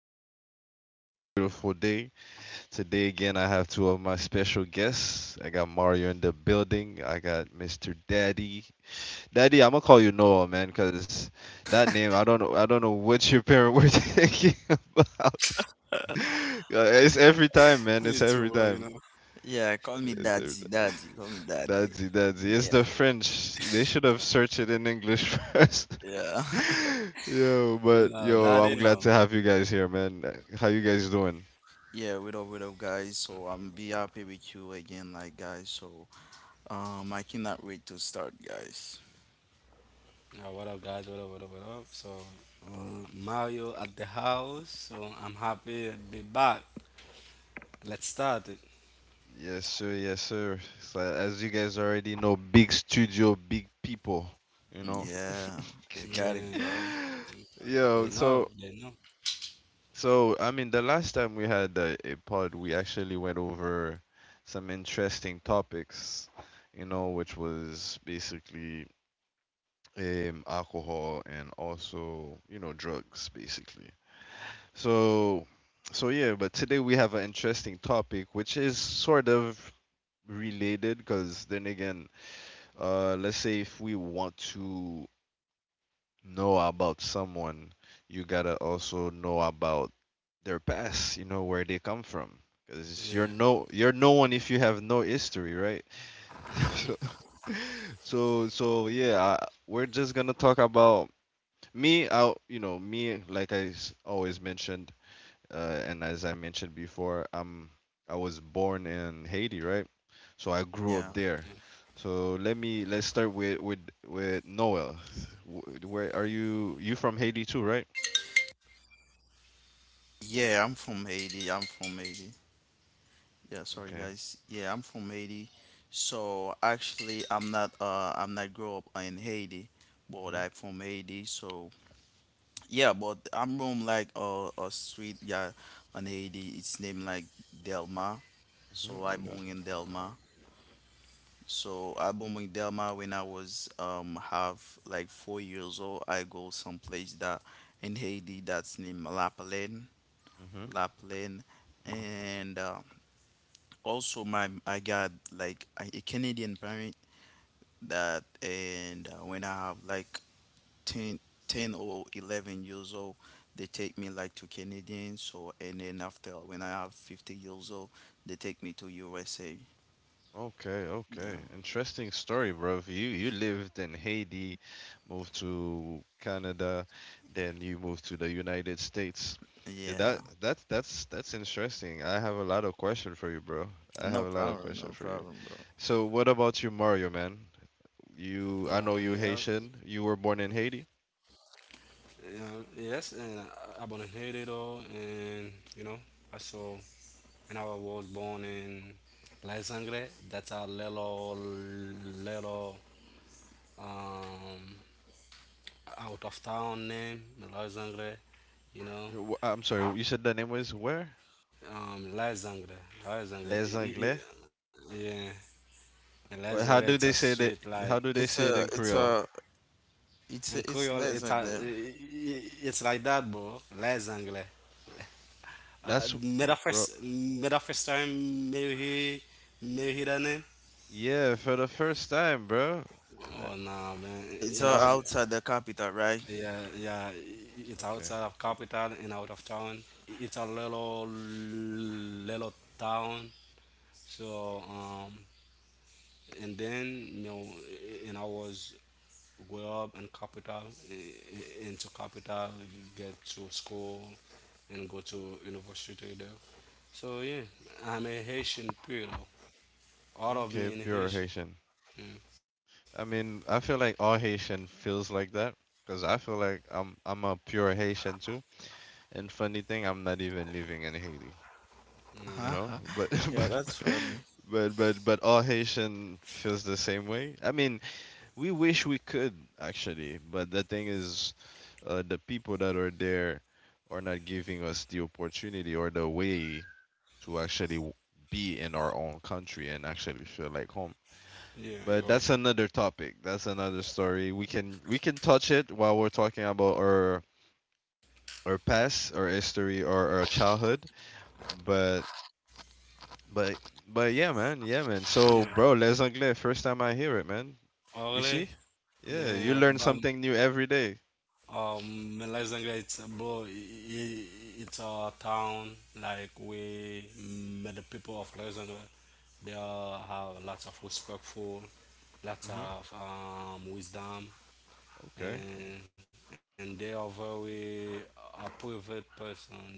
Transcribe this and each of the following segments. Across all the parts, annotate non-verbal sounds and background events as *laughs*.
day, another beautiful day. Today, again, I have two of my special guests. I got Mario in the building, I got Mr. Daddy. Daddy, I'm gonna call you Noah, man, because that name, I don't know what your parents were *laughs* thinking about. It's *laughs* every Me too, time, bro, man, you it's know. every time. Yeah, call me It's every daddy, time. daddy, call me Daddy, daddy. Daddy, it's the Yeah, French. They should have searched it in English *laughs* first. yeah. *laughs* *laughs* Yo, No, but daddy, yo, I'm no. glad to have you guys here, man. How you guys doing? Yeah, what up, guys? So I'm be happy with you again, like guys. So I cannot wait to start, guys. Yeah, what up, guys? What up, what up, what up? So, Mario at the house. So, I'm happy to be back. Let's start it. Yes, sir. Yes, sir. So as you guys already know, big studio, big people, you know. Yeah, you got Yeah, it, bro. *laughs* they Yo, know, so they know. so I mean, the last time we had a pod, we actually went over some interesting topics, you know, which was basically alcohol and also, you know, drugs, basically. So, so, yeah, but today we have an interesting topic which is sort of related because then again, let's say if we want to know about someone, you gotta also know about their past, you know, where they come from. Because you're Yeah. no you're no one if you have no history, right? *laughs* so, Mm-hmm. so, yeah, we're just gonna talk about me. I you know me like always mentioned and as I mentioned before, I was born in Haiti, right? So I grew up Yeah, there. Yeah. So let me let's start with Noel. Wh- Where are you? You from Haiti too, right? yeah. I'm from Haiti. I'm from Haiti. Yeah, Okay. sorry, guys. Yeah, I'm from Haiti. So actually, I'm not. I'm not grow up in Haiti, Mhm. but I'm from Haiti. So yeah, but I'm from like a street, yeah, in Haiti. It's named like Delma. Mhm. So On I the. born in Delma. So I born in Delma when I was have like 4 years old. I go someplace that in Haiti that's named La Plaine, Mhm. and also my I got like a Canadian parent that, and when I have like 10, 10 or 11 years old, they take me like to Canadian, so and then after when I have 50 years old they take me to USA. Okay, okay. Yeah, Interesting story, bro. You lived in Haiti, moved to Canada, then you moved to the United States. Yeah, that yeah. that's interesting. I have a lot of question for you, bro. I have a No lot of problem, question for no you. problem, bro. So, what about you, Mario, man? You I know you Yeah. Haitian. You were born in Haiti. Yeah. Yes, and I've been here it all, and you know, I saw, and I was born in La Sangre. That's a little, um, out of town name, Malay Zangre, you know, I'm sorry. You said the name was where? Malay Zangre, Les Anglais. Yeah, Malay Well, Zangre, how it's a do they say street that? like, How do they say it's it in a it's Creole? a in Creole, it's it's a, less like that. It's like that, bro, Malay Zangre. That's, Made a bro. first, me the first time, me hear that name. Yeah, for the first time, bro. Uh, Oh no, man, and I It's, That's was, outside the capital, right? yeah, yeah, it's okay. outside of capital and out of town. It's a little, little town. So, and then you know, and I was grow up in capital, into capital, get to school and go to university there. So yeah, I'm a Haitian pure, all of Okay, me in pure Haitian. Haitian. Yeah, I mean, I feel like all Haitian feels like that because I feel like I'm a pure Haitian too. And funny thing, I'm not even living in Haiti, you know? But *laughs* *laughs* but Yeah, that's funny. but but but all Haitian feels the same way. I mean, we wish we could actually, but the thing is, the people that are there are not giving us the opportunity or the way to actually be in our own country and actually feel like home. yeah, But you're that's right. another topic. That's another story. We can touch it while we're talking about our past, our history, or our childhood. But but but yeah, man, yeah, man. So, Yeah, bro, les anglais. First time I hear it, man. oh You see? really. Yeah, you Yeah, learn but something new every day. Melazanga, it's a bro, I- it's a town like we, mm, the people of Melazanga, they are, have lots of respectful, lots Mm-hmm. of wisdom, Okay. and they are very a private person, you know.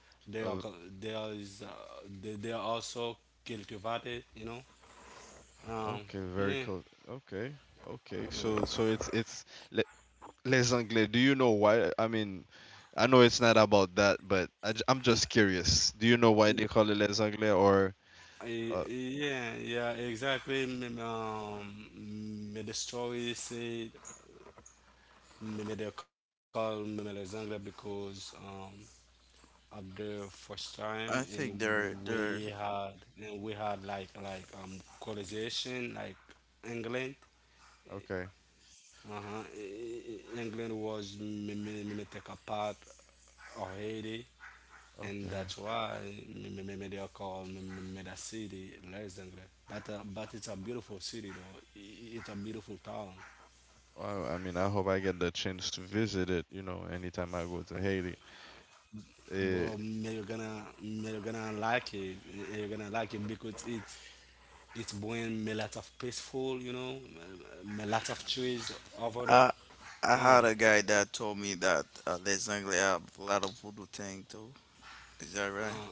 They are go- Oh, they are is they are also cultivated, you know. Um, okay. Very yeah. cool. Okay. Okay. So it's Les Anglais, do you know why? I mean, I know it's not about that, but am just curious. Do you know why they call it Les Anglais or? Uh, Yeah, yeah, exactly. The story say, they call, les Anglais because at the first time, and I think there, we there. They had like colonization like England. okay, Uh-huh. England was, take a part of Haiti, and okay. that's why they are called, Meda City, Lezangre. But it's a beautiful city though. It's a beautiful town, Well, I mean, I hope I get the chance to visit it. You know, anytime I go to Haiti. bro. Eh, You're gonna, you're gonna like it. Eh, you're gonna like it because it's bring me lots of peaceful, you know, me lots of trees over there. I Um. had a guy that told me that, Les Anglais have a lot of voodoo thing too. Is that right?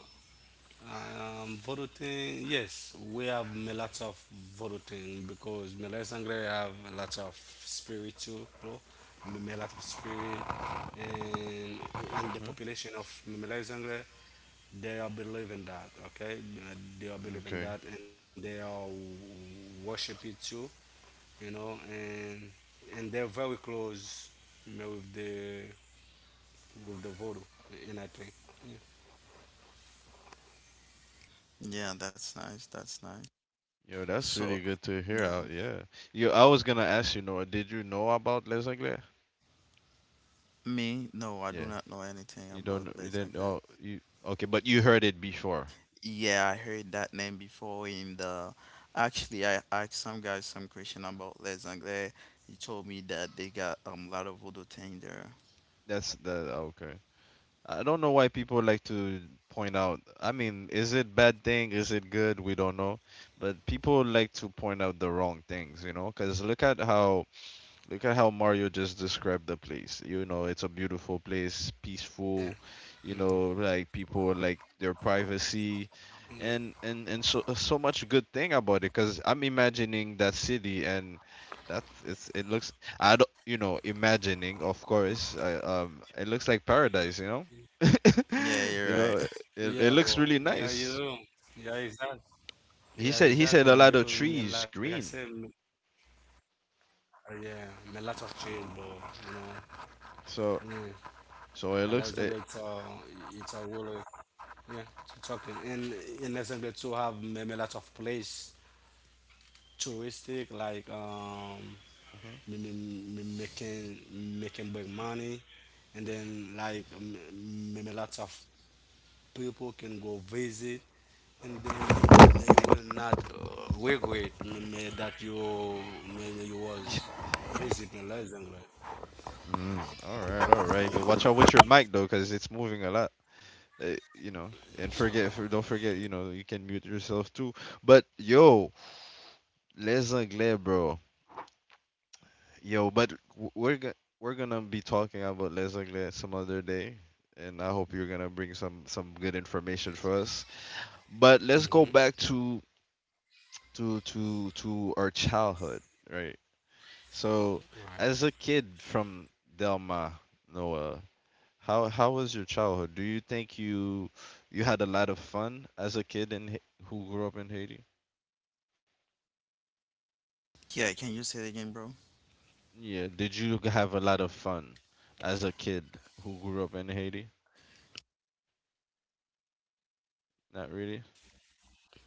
Voting, yes, we have a lot of voting because Malay Sangre have a lot of spiritual, bro. A lot of spirit, and in the mhm, population of Malay Sangre, they are believing that, okay? They are believing okay. that, and they are worship it too, you know, and they're very close, you know, with the voodoo, and I think, yeah, Yeah, that's nice, that's nice. Yo, that's really So, good to hear yeah. out. Yeah. Yo, I was gonna ask you, Noah, did you know about Les Anglais? Me, no, I Yeah. do not know anything You don't. Know- about You Les didn't. Oh, Anglais. you. Okay, but you heard it before. Yeah, I heard that name before in the. Actually, I asked some guys some question about Les Anglais. He told me that they got, a lot of voodoo thing there. That's the okay. I don't know why people like to point out. I mean, is it bad thing? Is it good? We don't know. But people like to point out the wrong things, you know? Because look at how Look at how Mario just described the place. You know, it's a beautiful place, peaceful, you know, like people like their privacy and yeah, and and so so much good thing about it cuz I'm imagining that city and that's it's it looks I don't you know, imagining, of course. It looks like paradise, you know? *laughs* Yeah, you you're know, right. *laughs* yeah, it, bro, it looks yeah, really nice. yeah, exactly. Yeah, He said he exactly. said a Because lot of me, like I trees, said, me, green. Yeah, my life has changed, but you know, yeah, So my last so it younger, looks it it's a really, yeah, to talking. And in Los Angeles too have me, me lot of place, touristic, like Mhm. Me making, making big money, and then like me, me lots of people can go visit, and then they will not regret, that you maybe you was visiting Luxembourg. Mm, all right, all right. But watch out with your mic though, because it's moving a lot. You know, I'm sorry. Don't forget, you know, you can mute yourself too. But yo, les anglais, bro. Yo, but we're gonna be talking about les anglais some other day, and I hope you're gonna bring some good information for us. But let's go back to our childhood, right? So, as a Mm-hmm. kid from Delma, Noah, how was your childhood? Do you think you had a lot of fun as a kid in Ha- who grew up in Haiti? Yeah, can you say it again, bro? Yeah, have a lot of fun as a kid who grew up in Haiti? Not really.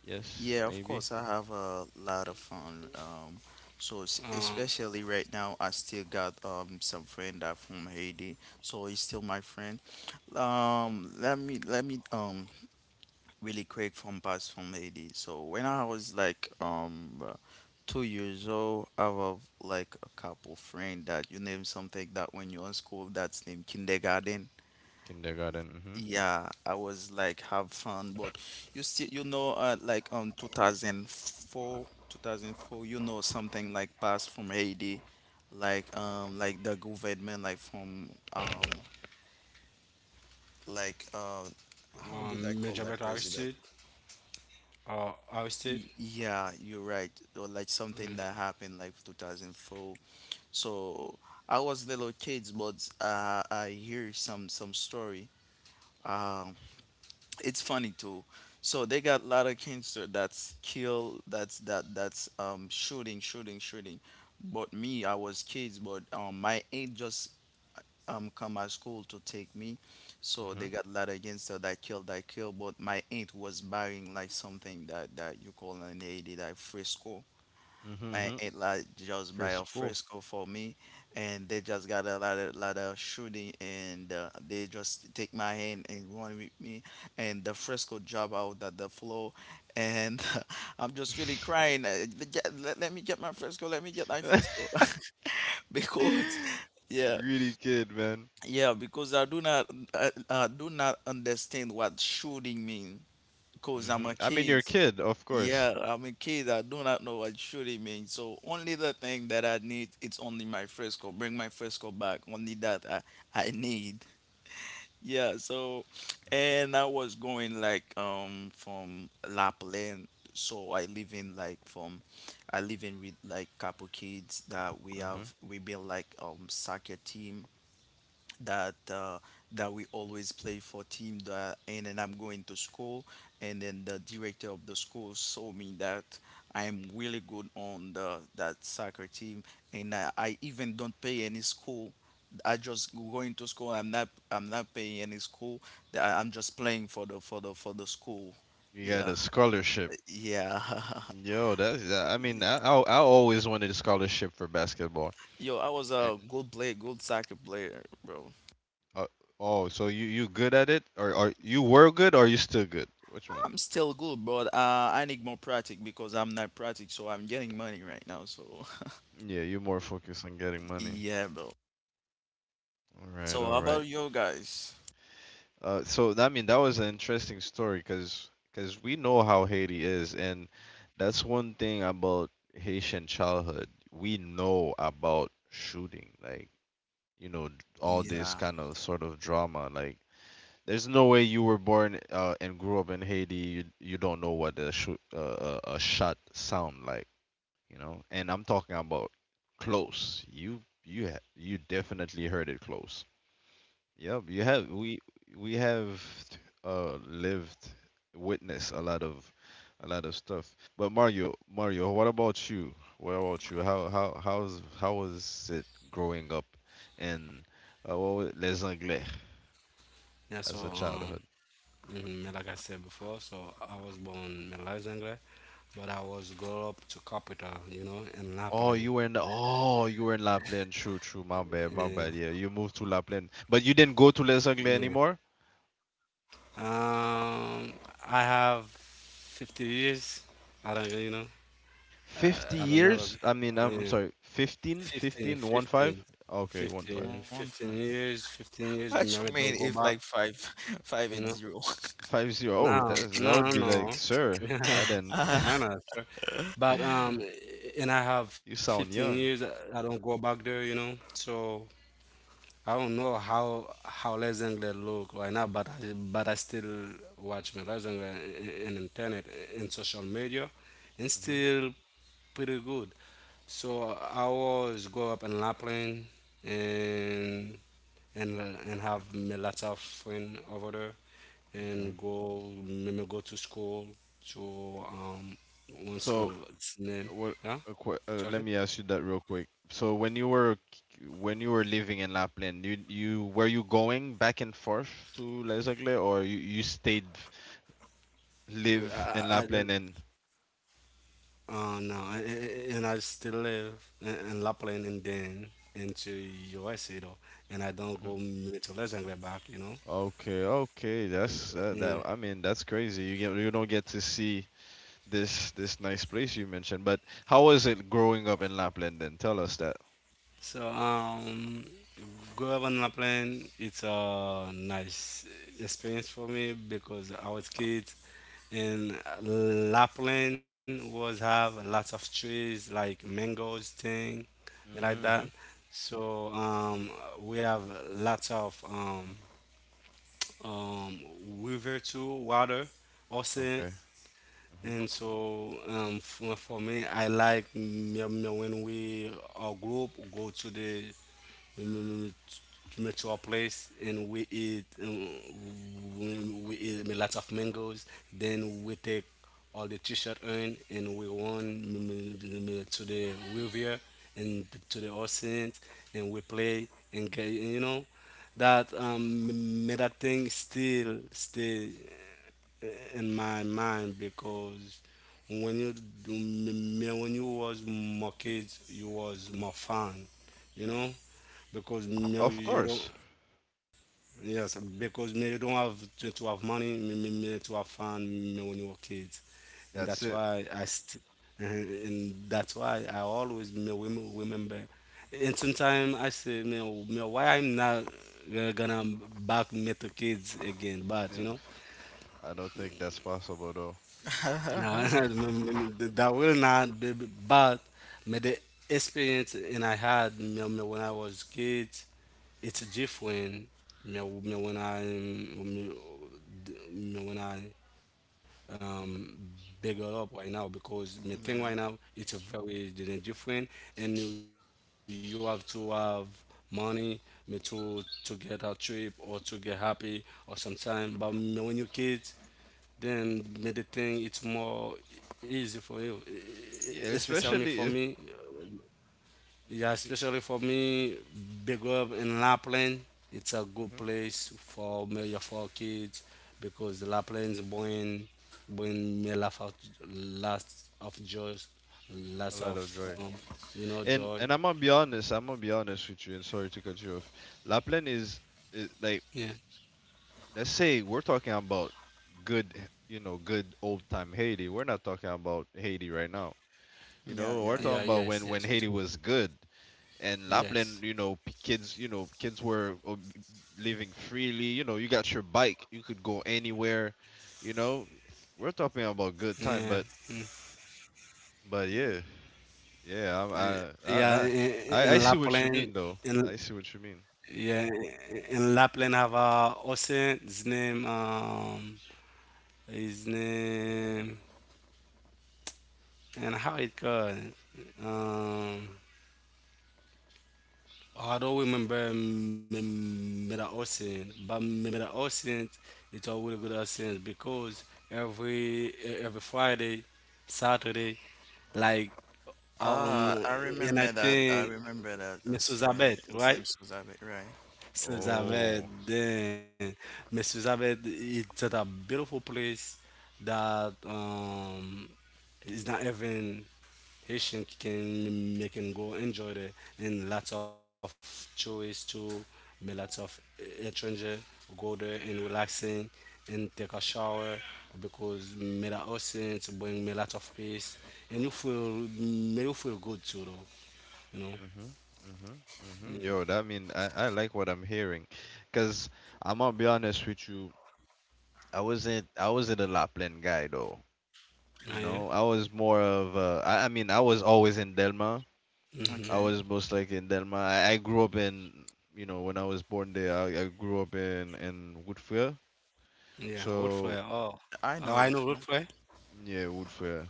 Yes, Yeah, of maybe. course, I have a lot of Right. fun. So especially right now, I still got some friend that from Haiti, so he's still my friend. Let me really quick from past from Haiti. So when I was like 2 years old, I have like a couple friend that you name something like that when you're in school that's named kindergarten. Kindergarten. Yeah, I was like have fun, but you see, like 2004, 2004, something like passed from Haiti, like the government, like from like how do they call Major that Beto president? arrested, arrested. Yeah, you're right. Or like something that happened like 2004. So I was little kids, but, I hear some story. Um, it's funny too. So they got a lot of cancer that's kill, that's, that's, shooting, shooting, shooting. But me, I was kids, but my aunt just come at school to take me. Mhm. So Mhm. they got a lot of cancer that kill, that kill. But my aunt was buying like something that you call an AD like Frisco, Mhm. mhm. and it like Free just by a school. fresco for me, and they just got a lot of shooting, and they just take my hand and run with me, and the fresco drop out at the floor, and *laughs* I'm just really *laughs* crying, Let me get my fresco, let me get my fresco." *laughs* Because yeah, really kid, man. yeah, because I do not, I do not understand what shooting mean, because Mhm. I'm I a mean, you're a kid. kid, of course. Yeah, I'm a kid. I do not know what should it mean. So only the thing that I need, it's only my frisco. Bring my frisco back. Only that I need. Yeah, so and I was going like from Lapland. So I live in, like, from I live in with like couple kids that we Mhm. have, we build like, soccer team, that uh, that we always play for team that, and then I'm going to school, and then the director of the school saw me that I am really good on the that soccer team, and I even don't pay any school. I just going to school, I'm not, paying any school. I'm just playing for the, for the school. You got a Yeah, scholarship. yeah. Yo, that's. I mean, I always wanted a scholarship for basketball. *laughs* Yo, I was Eh, a good player, good soccer player, bro. uh, oh, so you good at it, or are you were good, or you still good? Which one? I'm still good, but, I need more practice because I'm not practice, so I'm getting money right now. So Yeah, you're more focused on getting *laughs* money. yeah, bro. All right, all So how right. about you guys? So that, I mean that was an interesting story because we know how Haiti is, and that's one thing about Haitian childhood. We know about shooting, like you know all this Yeah, kind of sort of drama. Like there's no way you were born and grew up in Haiti, you don't know what a shoot a shot sound like you know. And I'm talking about close. You definitely heard it close. Yep, you have we have lived witnessed a lot of stuff. But Mario, Mario, what about you? What about you? How was it growing up in what was it? Les Anglais Yeah, as a so childhood? mm, like I said before, so I was born in Luxembourg, but I was grow up to capital, you know, in Oh, Lapland. you were in oh, you were in La Plaine. True, true. My bad, my Yeah, bad. Yeah, you moved to La Plaine, but you didn't go to Les yeah. Anglais anymore. Um, I have 50 years. I don't really know. 50 I don't never. years? I mean, I'm Yeah, sorry, 15, 15, 15, 15, 5? Okay, 1 5. 15, 15. 15 years, 15 years. What you Remember, mean, don't go if back, like five, *laughs* five you and know. zero? *laughs* 5 zero. Oh, No, that, that no, would be like, no. sir, *laughs* I *laughs* I Uh, know, sir. But and I have you 15 sound years. I young. I don't go back there, you know. So I don't know how Les Anglais look right now, but but I still watch my Les Anglais in internet, in social media, and Hmm. still pretty good. So I always grow up in Lapland, and have me lots of friends over there, Okay. and go me go to school to one school So, it's name, what? yeah. Let Talking? me ask you that real quick. So, when when you were living in Lapland, you were you going back and forth to Lesakle, or you live in I, I, Lapland and? No, and I still live in Lapland, and then into USA though, and I don't go Mhm. To Legendary back, you know. Okay, okay, that's Yeah. that. I mean, that's crazy. You don't get to see this this nice place you mentioned. But how was it growing up in Lapland? Then tell us that. So go up on Lapland. It's a nice experience for me because I was kid, and Lapland was have lots of trees like mangoes thing, me like Mm-hmm, that. mm-hmm, So we have lots of um, river too, water, ocean, okay. Mm-hmm. and so for me I like me, me when we our group go to the, mm, to our place, and we eat we, we eat a lot of mangoes, then we take all the t-shirt on, and we run to the river and to the ocean, and we play and get, you know, that um, that thing still stay uh, in my mind because when you, when you was more kids, you was more fun, you know, because now Of you don't. course. Yes, because me, you don't have to have money me, me to have fun me when you were kids, and that's That's it. why I st- and that's why I always me, remember. And sometimes I say me, why I'm not gonna back me to kids again, but Yeah, you know. I don't think that's possible though. *laughs* yeah, No, *laughs* *laughs* that will not be, but me the experience, and I had me, me when I was kid, it's different me, when I me, me when I um N- bigger up right now because my thing right now, it's a very different, and you have to have money me to get a trip or to get happy or sometime. But me when you kids, then me the thing it's more easy for you. Yes. Especially Especially for if me, yeah, especially for me, big up in Lapland. It's a good hmm place for me for kids because Lapland's born, born me laugh out lots of joy, a lots lot of of joy. You know, joy. And I'm gonna be honest. I'm gonna be honest with you. And sorry to cut you off. Lapland is Yeah, like let's say we're talking about good, you know, good old time Haiti. We're not talking about Haiti right now. You yeah, know, yeah, we're yeah, talking yes, yeah. about yes, we do. when Haiti was good. And Yes, Lapland, you know, kids, you know, kids were living freely. You know, you got your bike, you could go anywhere. You know, we're talking yeah, about good time, but yeah, yeah, yeah, I'm- yeah. I I I In I I see Lapland, what you in, mean though. I see what you mean. yeah, in Lapland have a ocean. His name his name. And how it going? Um, I don't remember middle ocean, but middle ocean it's a really good ocean because every Friday, Saturday, like um, I and I remember that. think I remember that. Miss Those, Elizabeth, yeah, his right? name's Suzabe, right? Since I've had Oh, then Mrs. Abed, it's at a beautiful place that um, it's not even Haitian can make and go enjoy there, and lots of choice too, me lots of stranger go there and relaxing and take a shower, because me that ocean to bring me lots of peace, and you feel, may you feel good too though, you know. mhm, mhm, mhm. Yo, that mean I like what I'm hearing, cause I'm gonna be honest with you. I wasn't a Lapland guy though. You know, Yeah. I was more of I mean I was always in Delma I Mm-hmm. Okay, was most likely in Denmark. I grew up in, you know, when I was born there, I grew up in Woodfair. Yeah, old fry. So Oh, I oh, I know. know If old not, fry. yeah, Woodfair.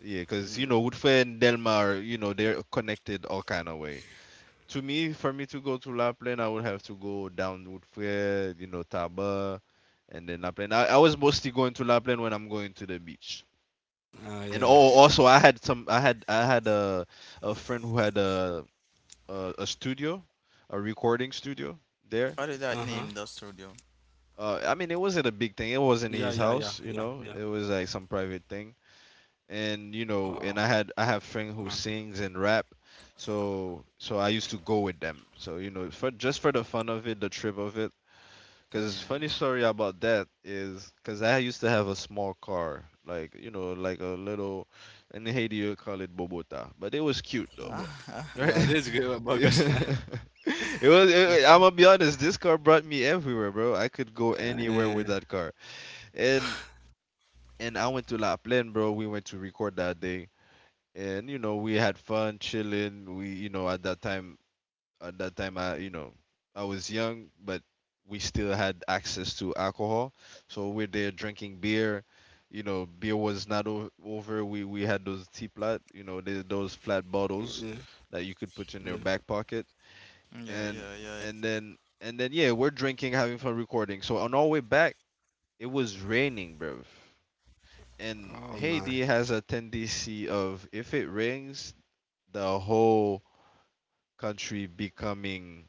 Yeah, because you know Woodfair and Delmar, you know, they're connected all kind of way. To me, for me to go to Lapland, I would have to go down Woodfair, you know, Taba, and then Lapland. I was mostly going to Lapland when I'm going to the beach. And oh, Yeah. also I had a friend who had a studio, a Uh-huh. recording studio there. what did that name the studio? Yeah, I yeah, mean, it yeah, wasn't a yeah, big thing. yeah. It wasn't his house, you know. It was like some private thing, Oh, and you know, and I have okay. friend who sings and rap, so so I used to go with them. So you know, for just for the fun of it, the trip of it. Cause funny Yeah. story about that is, cause I used to have a small car, like, like a little, in Haiti you call it Bobota, but it was cute though, Bu- *laughs* right? yeah, *laughs* this is good Yeah. burgers. *laughs* *laughs* It was. I'm gonna be honest. This car brought me everywhere, bro. I could go anywhere with Yeah, that car and I went to La Plaine, bro. We went to record that day, and you know we had fun chilling. We you know at that time I you know I was young, but we still had access to alcohol, so we're there drinking beer. You know, beer was not over. We had those teapot, you know, those flat bottles yeah, that you could put in yeah. your back pocket, Yeah, and yeah, yeah. then yeah, we're drinking, having fun, recording. So on our way back, it was raining, bro. And Oh my. Haiti has a tendency of, if it rains, the whole country becoming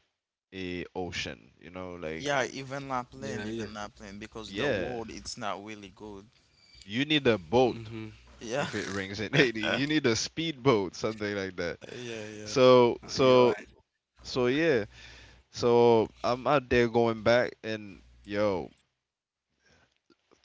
a ocean. You know, like Yeah, Yeah, yeah. even Lapland, because the yeah, world it's not really good. you need a boat Mm-hmm. if Yeah. it rains in *laughs* Haiti. You *laughs* need a speedboat, something like that. Yeah, yeah. So Oh, you're so right. so yeah. So I'm out there going back and yo,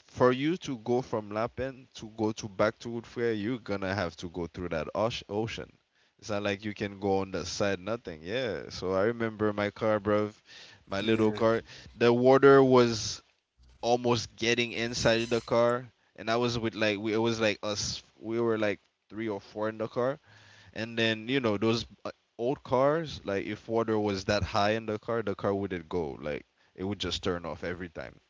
for you to go from Lapen to go to back to Woodfair, you're gonna have to go through that ocean. It's not like you can go on the side, nothing. Yeah. So I remember my car, bruv, Yeah. my little car. The water was almost getting inside the car, and I was with like we. It was like us. We were like three or four in the car, and then you know those old cars. Like if water was that high in the car wouldn't go. Like it would just turn off every time.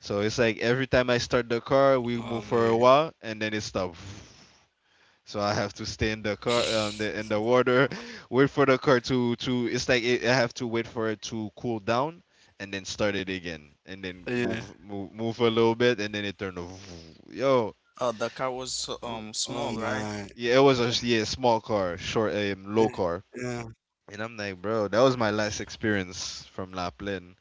So it's like every time I start the Oh car, man. we move for a while, and then it stops. So I have to stay in the car, in the water, *laughs* wait for the car to to. It's like it, I have to wait for it to cool down, and then start it again, and then Yeah. move a little bit, and then it turned to *laughs* yo, Oh, the car was Oh, so, oh small, my. right? yeah, it was yeah, small car, short Eh, low yeah. car, and I'm like, bro, that was my last experience from La Plaine.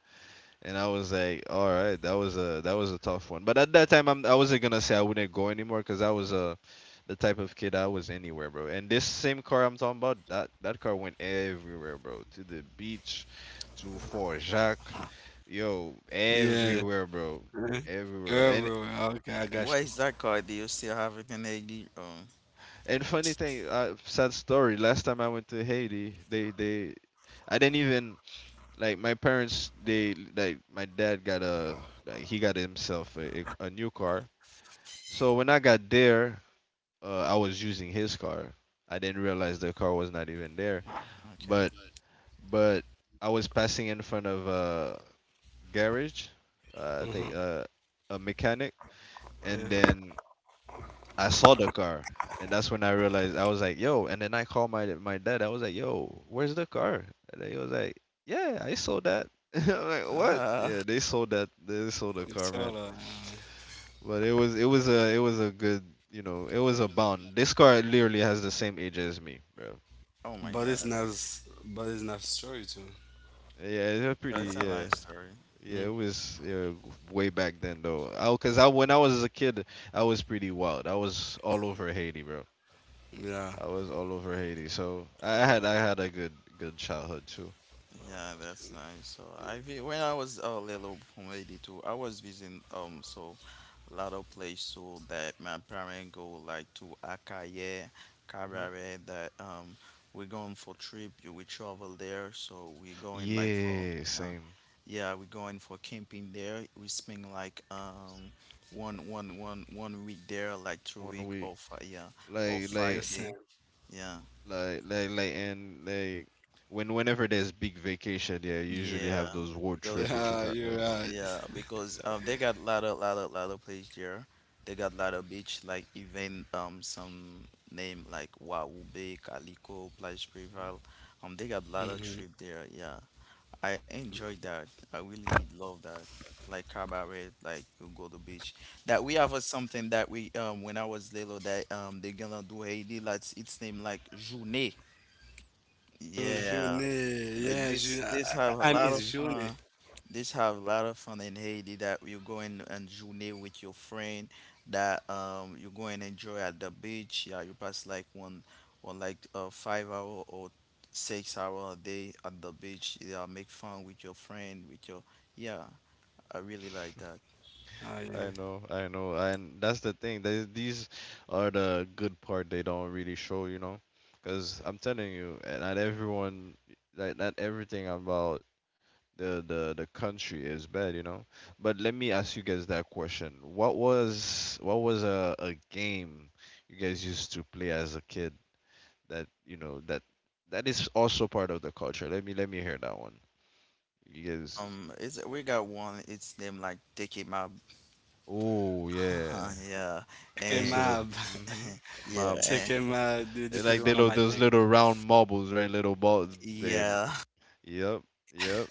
And I was like, all right, that was a tough one. But at that time, I wasn't gonna say I wouldn't go anymore because I was the type of kid I was anywhere, bro. And this same car I'm talking about, that car went everywhere, bro. To the beach, to Fort Jacques, yo, Yeah. everywhere, bro, Eh. everywhere. And Everywhere. Okay, I got you. Where is that car? Do you still have it in AD? Oh, and funny thing, sad story. Last time I went to Haiti, I didn't even like my parents. They like my dad got a like he got himself a new car. So when I got there, I was using his car. I didn't realize the car was not even there. okay. But but I was passing in front of a garage, I Mm-hmm. think a mechanic, and Yeah. then I saw the car, and that's when I realized. I was like, yo. And then I called my dad. I was like, yo, where's the car? And he was like, yeah, I sold that. *laughs* I'm like, what? Yeah, Ah, they sold that. They sold the It's car, all man. But it was a good, you know, it was a bond. This car literally has the same age as me, bro. oh my but it's God. not, but it's not story too. Yeah, they're pretty. Yeah, it's a Yeah, nice Mm-hmm. story. yeah. It was yeah, way back then though. Cause I, when I was a kid, I was pretty wild. I was all over Haiti, bro. Yeah, I was all over Haiti. So I had a good good childhood too. Yeah, that's nice. So when I was a little from 82, I was visiting, so, a lot of places, so that my parents go like to Akaye, Hmm. Kabare, that we're going for trip, we travel there, so we're going like for, Yeah, yeah, same. yeah, we're going for camping there. We spend like one week there, like two One week week, or five, yeah, like, or the like, five same. day. Yeah. like, when whenever there's big vacation, yeah, you usually have Yeah. those road trip Goes. with your Yeah, partner. you're right. Yeah, because they got lot of, lot of place there. They got lot of beach, like even some name like Wahoo Bay, Calico, Plage Mhm. Prival. They got lot Mm-hmm. of trip there. Yeah, I enjoyed that. I really love that. Like cabaret, like you go to beach. That we have a something that we, when I was little that they gonna do Haiti. That's It's named like Journée. Yeah, Journey. Yeah, I, this have a I miss lot of Journey. fun. This have a lot of fun in Haiti that you go and, journey with your friend, that you go and enjoy at the beach. Yeah, you pass like one like 5 hour or 6 hour a day at the beach. Yeah, make fun with your friend, with your, yeah, I really like that. Oh, yeah. I know, and that's the thing. They, these are the good part they don't really show, you know, because I'm telling you, eh, not everyone, like not everything about the country is bad, you know. But let me ask you guys that question: what was a game you guys used to play as a kid that you know that is also part of the culture? Let me hear that one. You guys, it's, we got one, it's them like taking my, oh yeah, *laughs* yeah, Check I used him to and love. out. Mm-hmm. *laughs* yeah, Check and him out. Dude, They're this is like they one of my those things. little round marbles, right? Little balls. They, yeah. *laughs* yep, yep,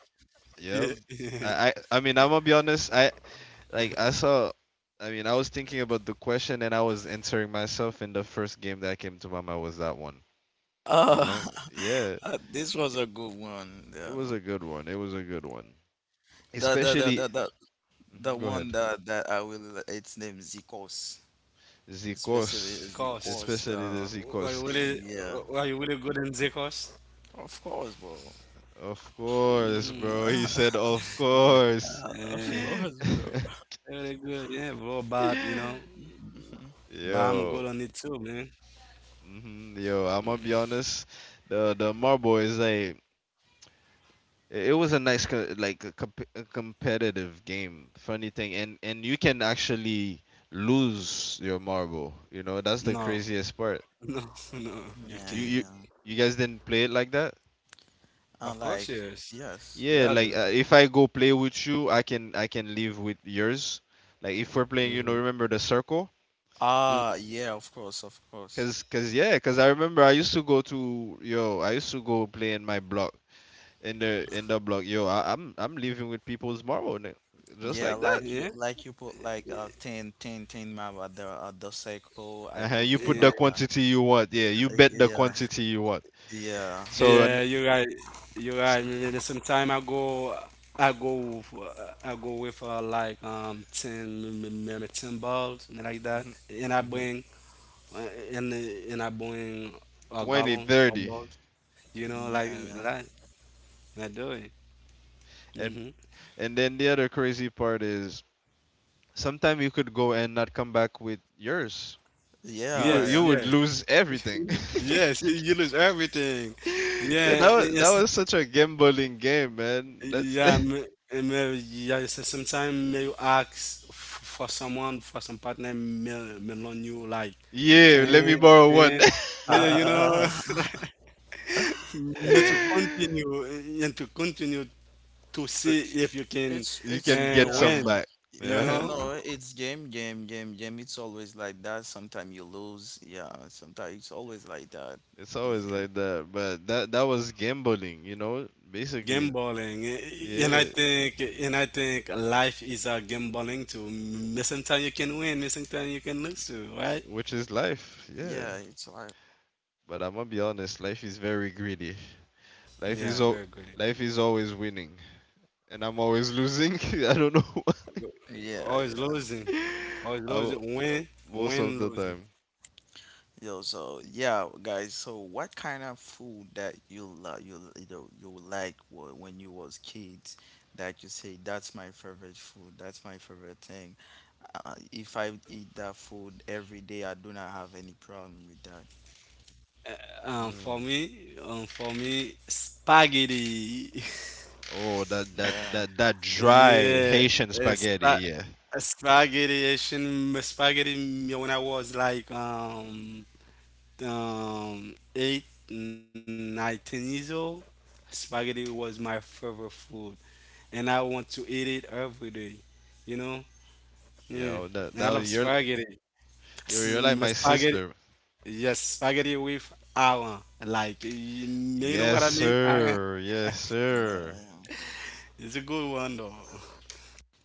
yep. Yeah. I mean, I'm gonna be honest. I saw. I mean, I was thinking about the question and I was answering myself, and the first game that came to my mind was that one. You Uh, know? Yeah, *laughs* this was a good one. it Yeah. was a good one. It was a good one. The the the the Especially, the The mhm, go one ahead. that I will, it's named Zikos, especially Zikos. Zikos. Zekos. *laughs* Especially the Were Zikos. you really, Yeah, were you really good in Zekos? of course, bro. Of course, Mm. bro. He *laughs* said, of *laughs* course. Of Yeah, course, bro. really good. Yeah, bro, but, you know, *laughs* but I'm Yo, good on it too, man. hmm, yo, I'm gonna be honest. The Marble is like it was a nice a competitive game. Funny thing, and you can actually lose your marble. You know, that's the No, craziest part. *laughs* no, no, Yeah, you You you can't. yeah. you guys didn't play it like that? I Of like course, yes. yes. Yeah, Yeah, I like do. if I go play with you, I can leave with yours. Like if we're playing, you know, Mm-hmm. remember the circle? Ah, yeah, of course, of course. Cause yeah, cause I remember I used to go to yo, I used to go play in my block in the block. Yo, I'm living with people tomorrow, nigga. Just like Yeah, that. Yeah. Like you put like 10 map at the cycle. I Uh-huh, put you 10, put Yeah, like, the yeah. quantity you want. Yeah, you bet the Yeah, quantity you want. yeah. So an, yeah, you're right. You're s- right. And then sometime I go with like ten, maybe ten balls, something like that. mhm, mhm, uh, and and I bring a 20, gallon of 30. balls. You know, like Yeah, yeah. that. I do it. And Hmm. Then the other crazy part is sometimes you could go and not come back with yours. Yes, You Yeah, would yes, lose everything. yes. You *laughs* you lose everything. Yeah, Yeah, and, that was such a gambling game, man. That's yeah, may, eh, may, yeah, sometimes may you ask for someone, for some partner, may loan you like *laughs* yeah, 10, let me borrow one. 10, 10, you know, *laughs* yeah. *laughs* may to Yeah. continue, and to continue to see *laughs* if you can You can It's, get some yeah. win, back. you Yeah, you Uh-huh. know, know, it's game, game, game, game. It's always like that. Sometimes you lose. Yeah, sometimes it's always like that. It's always It's like game. that. But that was gambling, you know? Basically, gambling. And I yeah, think, life is a gambling too. May sometimes you can win, may sometimes you can lose too, right? which is life. Yeah. Yeah, it's like But I'm gonna be honest, life is very greedy. Yeah, Life very is good. o- life is always winning, and I'm always losing. *laughs* I don't know. yeah, Always losing. Always *laughs* I w- losing. uh, Win, most of win, the losing. time. yeah. Yo, so yeah, guys. So, what kind of food that you love, you like, when you was kids, that you say that's my favorite food. That's my favorite thing. If I eat that food every day, I do not have any problem with that. Mm. For me, spaghetti. *laughs* Oh, Yeah, that Yeah, dry uh, Haitian spa spaghetti, yeah. spaghetti. Asian spaghetti. Me when I was like eight, 19 years old, spaghetti was my favorite food, and I want to eat it every day. You know, yeah. Yo, And I love that you're spaghetti. S- you're like my Spaghetti. sister. Yes, spaghetti with Alan. Like, you know Yes, what I mean? Alan? sir. Yes, sir. yeah. It's a good one, though.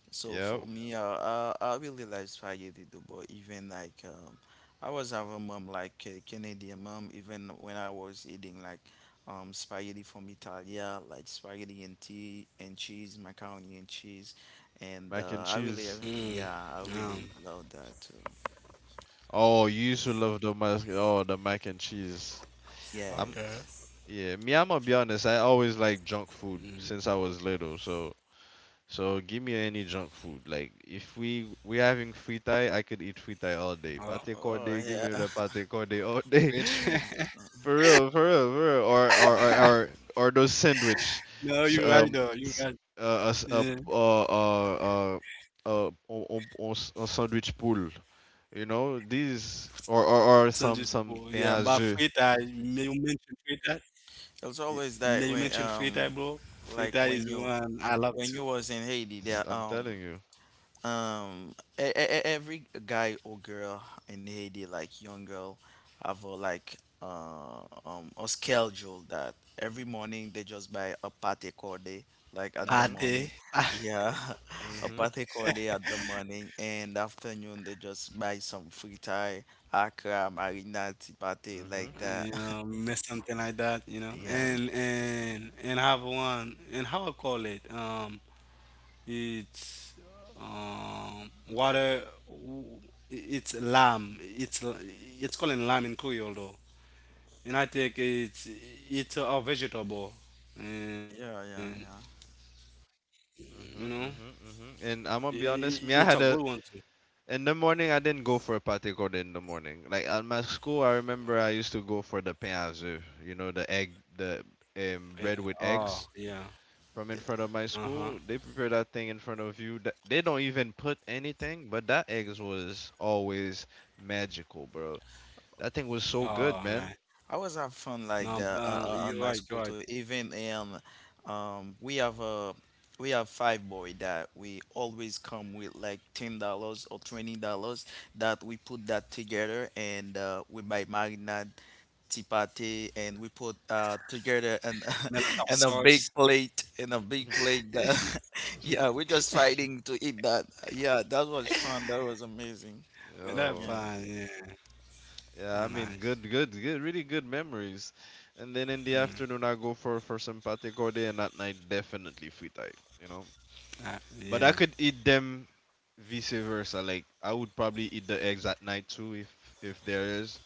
So for Yep. me, I really like spaghetti too, but even like, I was having mom like a Canadian mom, even when I was eating like, spaghetti from Italia, like spaghetti and tea and cheese, macaroni and cheese, Mm, and um, Mac and cheese. yeah, I really love that too. Oh, you used to love the mac. Oh, the mac and okay. cheese. I'm. Yes. Yeah. Me, I'm gonna be honest. I Mm, always like junk food since I was little. So, so give me any junk food. Like, if we having fritai, I could eat fritai oh, all day. Pate Oh corde, give me yeah, the pate corde all day. wait. *laughs* For real, for real, for real. *laughs* Yeah. *laughs* Or those sandwich, No, s- you're right, though. You're s- right. As- Yeah, on s- on sandwich pool. You know these or sandwich, bro. some pain Yeah, à but jeu. frita, may you mention frita? It's Y- always that May you when, mention frita, bro? like Frita is when the you, one I love too. was in Haiti, there I'm telling you. Every guy or girl in Haiti, like young girl, have a like, a schedule that every morning they just buy a pate corde, like at the Mhm. Pate, morning, *laughs* yeah, *laughs* a Mhm. pate corde at the morning, and afternoon they just buy some fritai, akra, marinade, pate, like Mhm. that. *laughs* you know, mess something like that, you know. Mhm. Yeah, Mhm. And have one. And how I call it? Um, it's water. It's lamb. It's called lamb in Creole though, and I think it's a vegetable, and yeah, yeah, you know Mhm. And I'm gonna be it's a honest. good Me, I one had too. a In the morning, I didn't go for a patikor in the morning. Like at my school, I remember I used to go for the pain azur, you know, the egg, the Eh. Bread with Oh yeah. eggs from in front Uh of my huh. school. They prepare that thing in front of you. They don't even put anything, but that eggs was always magical, bro. That thing was yeah. so All good, right. man. I always have fun No, like that, you're right. on You're my right. school too. Even, um, we have a we have five boy that we always come with like $10 or $20, that we put that together, and we buy marinade, chipate, and we put together, and Melon top *laughs* and a sauce. big plate, and a big *laughs* plate that *laughs* yeah, we're just fighting to eat that. Yeah, that was fun. That was amazing. Melon Oh, Yeah. pie. Yeah. Oh, yeah, I mean, nice. Really good memories. And then in the Mm. afternoon, I go for some pate, and at night, definitely free type, you know. But Yeah. I could eat them vice versa. Like I would probably eat the eggs at night too, if there is.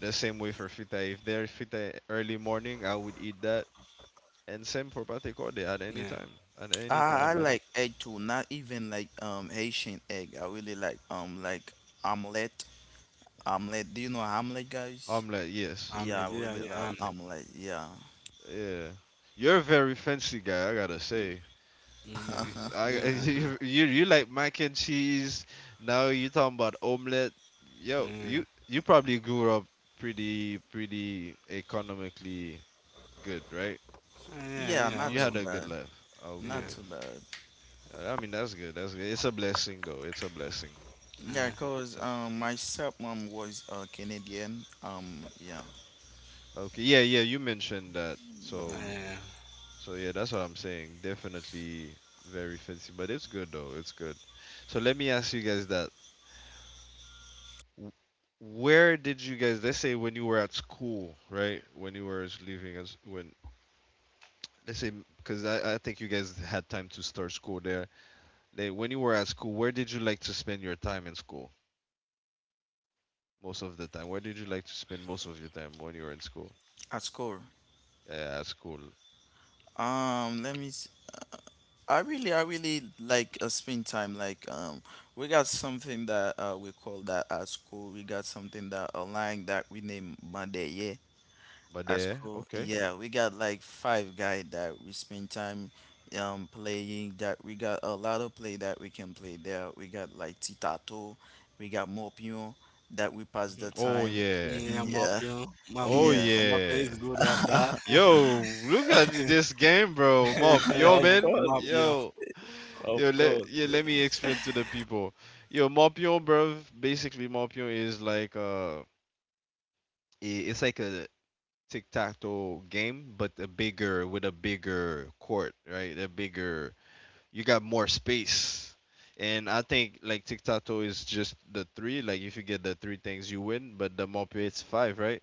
The same way for fita. If there is fita early morning, I would eat that. And same for pate Yeah. corde at any time. At any I time, man. like egg too, not even like Haitian egg. I really like omelet. Omelet. Do you know omelet, guys? Omelette, yes. Yeah, Omelette. I Yeah. really Yeah. like Omelette. omelet. Yeah. Yeah. You're a very fancy guy, I gotta say. Mm. I *laughs* *laughs* Yeah, you know. You like mac and cheese. Now you talking about omelette. *laughs* Yo, Yeah. You probably grew up pretty economically good, right? Yeah, Yeah, yeah, You we not had know. too a good bad. life. Yeah, Not Okay. too bad. I mean, that's good. That's good. It's a blessing, though. It's a blessing. Yeah, cause So, my stepmom was, Canadian. Yeah. okay. Yeah, yeah. You mentioned that. So, Yeah. yeah, so yeah, that's what I'm saying. Definitely very fancy, but it's good though. It's good. So let me ask you guys that. W- Where did you guys, let's say when you were at school, right? When you were leaving as when let's say, because I think you guys had time to start school there. Like, when you were at school, where did you like to spend your time in school? Most of the time? Where did you like to spend most of your time when you were in school? At school. Yeah, at school. Let me I really, like, spend time. Like, we got something that, we call that at school. We got something that online that we name Monday. Yeah, But at there, school. okay. Yeah, we got like five guy that we spend time playing. That we got a lot of play that we can play there. We got like Titato, we got Mopion that we pass Mhm. the Oh time. yeah. yeah. Mm, yeah, Mapion, Oh yeah. yeah. Mapion is good of *laughs* that. Yo, look at this game, bro. *laughs* Mop, Of yo man. course, Mapion, Yo. of Yo, let course. yeah, let me explain to the people. Yo, Morpion, bro. Basically, Morpion is like it's like a tic tac toe game, but a bigger with a bigger court, right? A bigger, you got more space. And I think like tic tac toe is just the three. Like if you get the three things, you win. But the mope, it's five, right?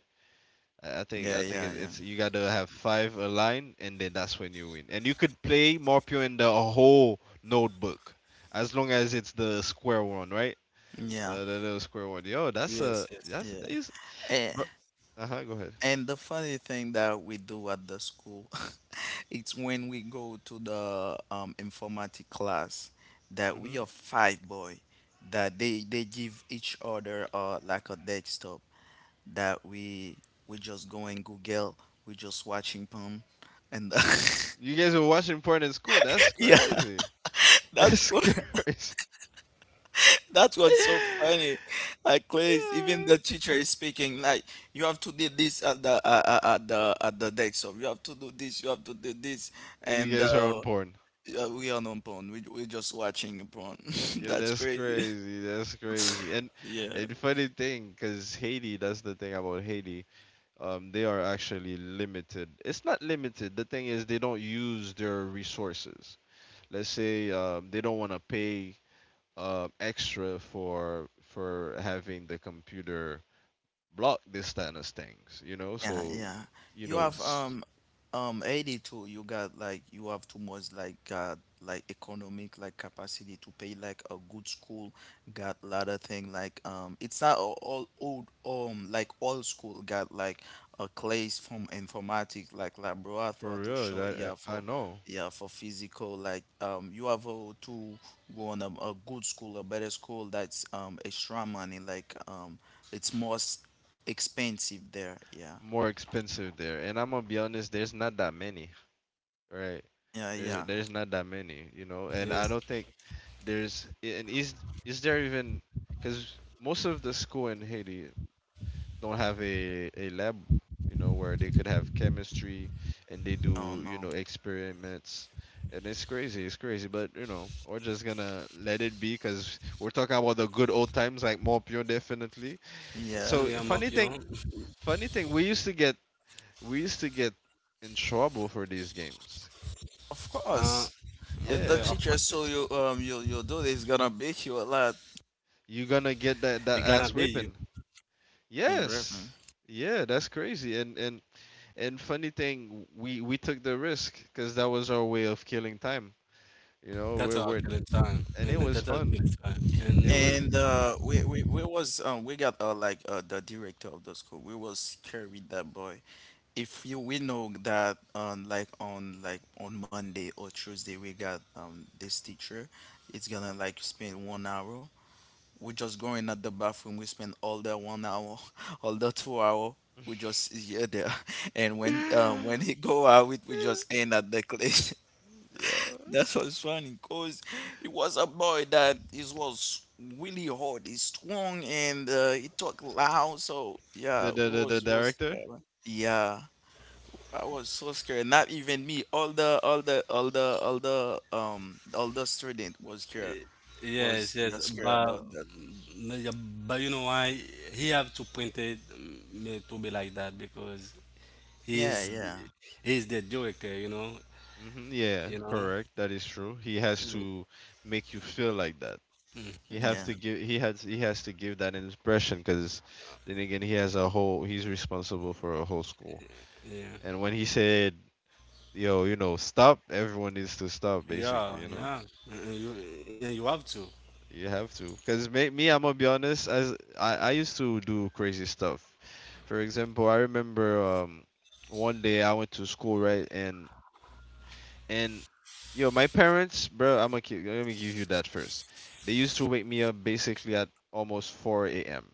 I I think Yeah, I think yeah, it- yeah, it's, you gotta have five aligned, and then that's when you win. And you could play Morpio in the whole notebook, as long as it's the square one, right? yeah, The little square one. yes, Yo, that's yes, a that's yeah. that is. Eh. Uh huh. Go ahead. And the funny thing that we do at the school, *laughs* it's when we go to the informatic class that Hmm. we are five boy, that they give each other like a desktop that we just go in Google, we just watching porn, and You guys were watching porn in school. That's *laughs* yeah, crazy. *laughs* that's That's what. crazy. That was so *laughs* funny. Like, please, even Yeah. the teacher is speaking. Like, you have to do this at the at the desk. So you have to do this. You have to do this. And you And guys are on porn. yeah, we are not porn. We just watching porn. *laughs* Yo, That's that's crazy. *laughs* crazy. That's crazy. And Yeah. and funny thing, because Haiti, that's the thing about Haiti. They are actually limited. It's not limited. The thing is, they don't use their resources. Let's say they don't want to pay extra for having the computer block this kind of things. You know, Yeah, so yeah. you You know, have 82. You got like you have too much like economic like capacity to pay like a good school. Got a lot of thing like it's not all old like old school. Got like a class from informatics like laboratory for to real, show that I know, yeah for physical like you have to go on a good school a better school that's extra money like it's more expensive there. Yeah. more expensive there. And I'm gonna be honest, there's not that many. Right. Yeah, yeah. There's not that many, you know, and yeah, I don't think there's, and is there even, because most of the school in Haiti don't have a lab, you know, where they could have chemistry and they Oh do, no. Experiments, and it's crazy, but you know we're just gonna let it be because we're talking about the good old times like more pure definitely. yeah, Yeah. So Mapion. Funny thing, we used to get, we used to get in trouble for these games. Of Uh, course. If yeah, the Yeah, of teacher course, yes. saw you you do this, gonna beat you a lot you're gonna It get gonna that, be that you. ass whipping. in Yes, reference. yeah, that's crazy. And funny thing, we took the risk because that was our way of killing time. You know, That's our we're killing time. and it Maybe was that's our fun. killing time. It And was. And we was we got the director of the school. We was scared with that boy. If you we know that like on Monday or Tuesday we got this teacher, it's gonna like spend 1 hour we just going at the bathroom. We spend all the 1 hour, *laughs* all the 2 hour. We just here there, *laughs* and when he *laughs* go out, we just end at the clash. *laughs* Yeah. That's what's funny, cause it was a boy that is was really hard. He's strong and he talk loud. So yeah, The we the the, was the was director. scared, yeah. I was so scared. Not even me. All the all the all the all the all the student was scared, eh, was, yes, yeah, yes, scared but about that. Yeah, but you know why he have to print it to be like that because Yeah, he's yeah, he's the director, you know, Hmm. Yeah, you know. correct. That is true. He has to make you feel like that. He have yeah. to give. He has. He has to give that impression, because then again, he has a whole. He's responsible for a whole school. Yeah, And when he said, yo, you know, stop. Everyone needs to stop, basically, yeah, you know? yeah. And you and you have to. You have to. Because me, I'm going to be honest, as I used to do crazy stuff. For example, I remember one day I went to school, right? And yo, my parents, bro, I'm going to, let me give you that first. They used to wake me up basically at almost 4 a.m.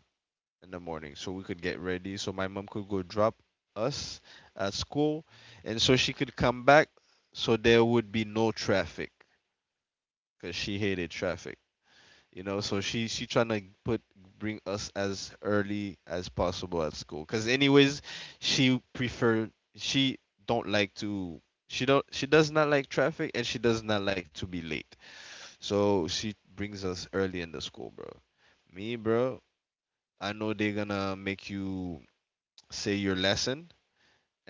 in the morning so we could get ready. So my mom could go drop us at school, and so she could come back so there would be no traffic, because she hated traffic, you know, so she trying to put, bring us as early as possible at school, because anyways she prefer she don't like to she don't she does not like traffic, and she does not like to be late, so she brings us early in the school, bro. Me bro I know they're gonna make you say your lesson,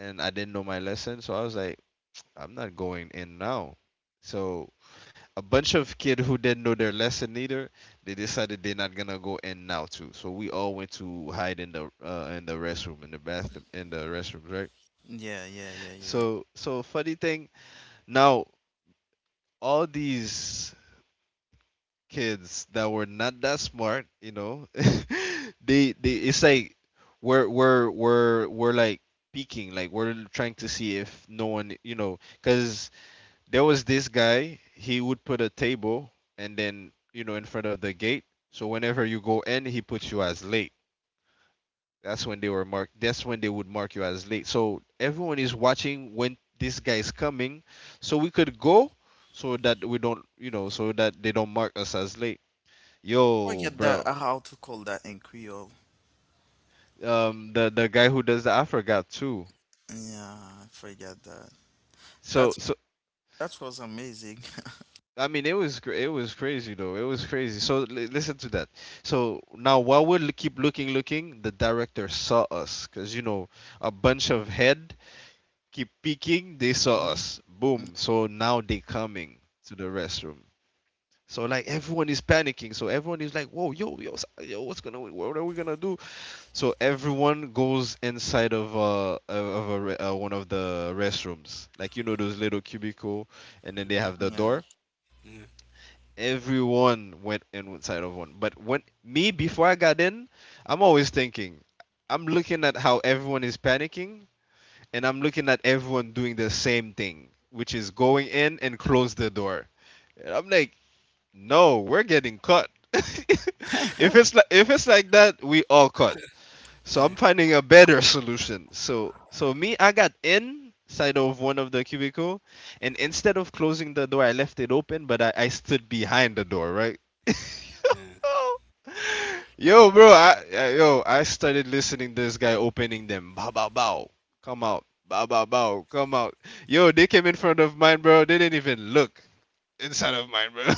and I didn't know my lesson, so I was like, I'm not going in now. So a bunch of kid who didn't know their lesson either, they decided they're not gonna go in now too. So we all went to hide in the restroom, in the bathroom, in the restrooms, right? Yeah, yeah, yeah, you're right. So, so funny thing. Now all these kids that were not that smart, you know, *laughs* they it's like we're like peeking, like we're trying to see if no one, you know, because there was this guy, he would put a table and then, you know, in front of the gate, so whenever you go in he puts you as late. That's when they would mark you as late. So everyone is watching when this guy is coming, so we could go, so that we don't, you know, so that they don't mark us as late. Yo Forget that bro, how to call that in Creole. um, the guy who does that, I forgot too. Yeah, I forget that. That's So so, that was amazing. *laughs* I mean, it was it was crazy though. It was crazy. So listen to that. So now while we keep looking, looking, the director saw us, because you know a bunch of head keep peeking. They saw Mhm. us. Mm, Boom. So now they coming to the restroom. So, like, everyone is panicking. So everyone is like, whoa, yo, yo, yo, what's gonna, what are we gonna do? So everyone goes inside of one of the restrooms, like you know those little cubicle, and then they Mhm. have the door. Yeah, Everyone went inside of one. But when me, before I got in, I'm always thinking. I'm looking at how everyone is panicking, and I'm looking at everyone doing the same thing, which is going in and close the door. And I'm like, no, we're getting cut. *laughs* If yeah. *laughs* it's like, if it's like that, we all cut. So yeah, I'm finding a better solution. So, so me, I got inside of one of the cubicle, and instead of closing the door, I left it open, but I stood behind the door, right? yeah. *laughs* Yo, bro, I started listening this guy opening them. Bow bow bow, come out. Bow bow bow, come out. Yo, they came in front of mine, bro. They didn't even look inside of mine, bro. *laughs*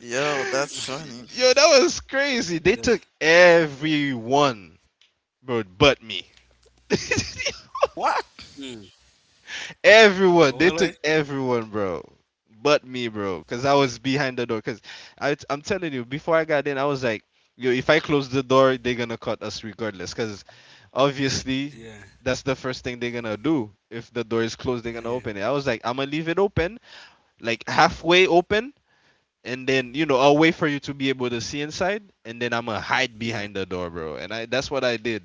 Yo, that's funny. Yo, that was Yes. crazy. They took everyone, bro, but me. *laughs* What? Mm. Oh, really? Everyone, they took everyone, bro, but me, bro, Yes. cause I was behind the door. Cause I, I'm telling you, before I got in, I was like, yo, if I close the door, they're gonna cut us regardless, cause Yeah, obviously that's the first thing they're gonna do. If the door is yeah, closed, they're gonna open it. I was like, I'm gonna leave it open, like halfway open, and then, you know, I'll wait for you to be able to see inside, and then I'ma yeah. hide behind the door, bro. And I, that's what I did.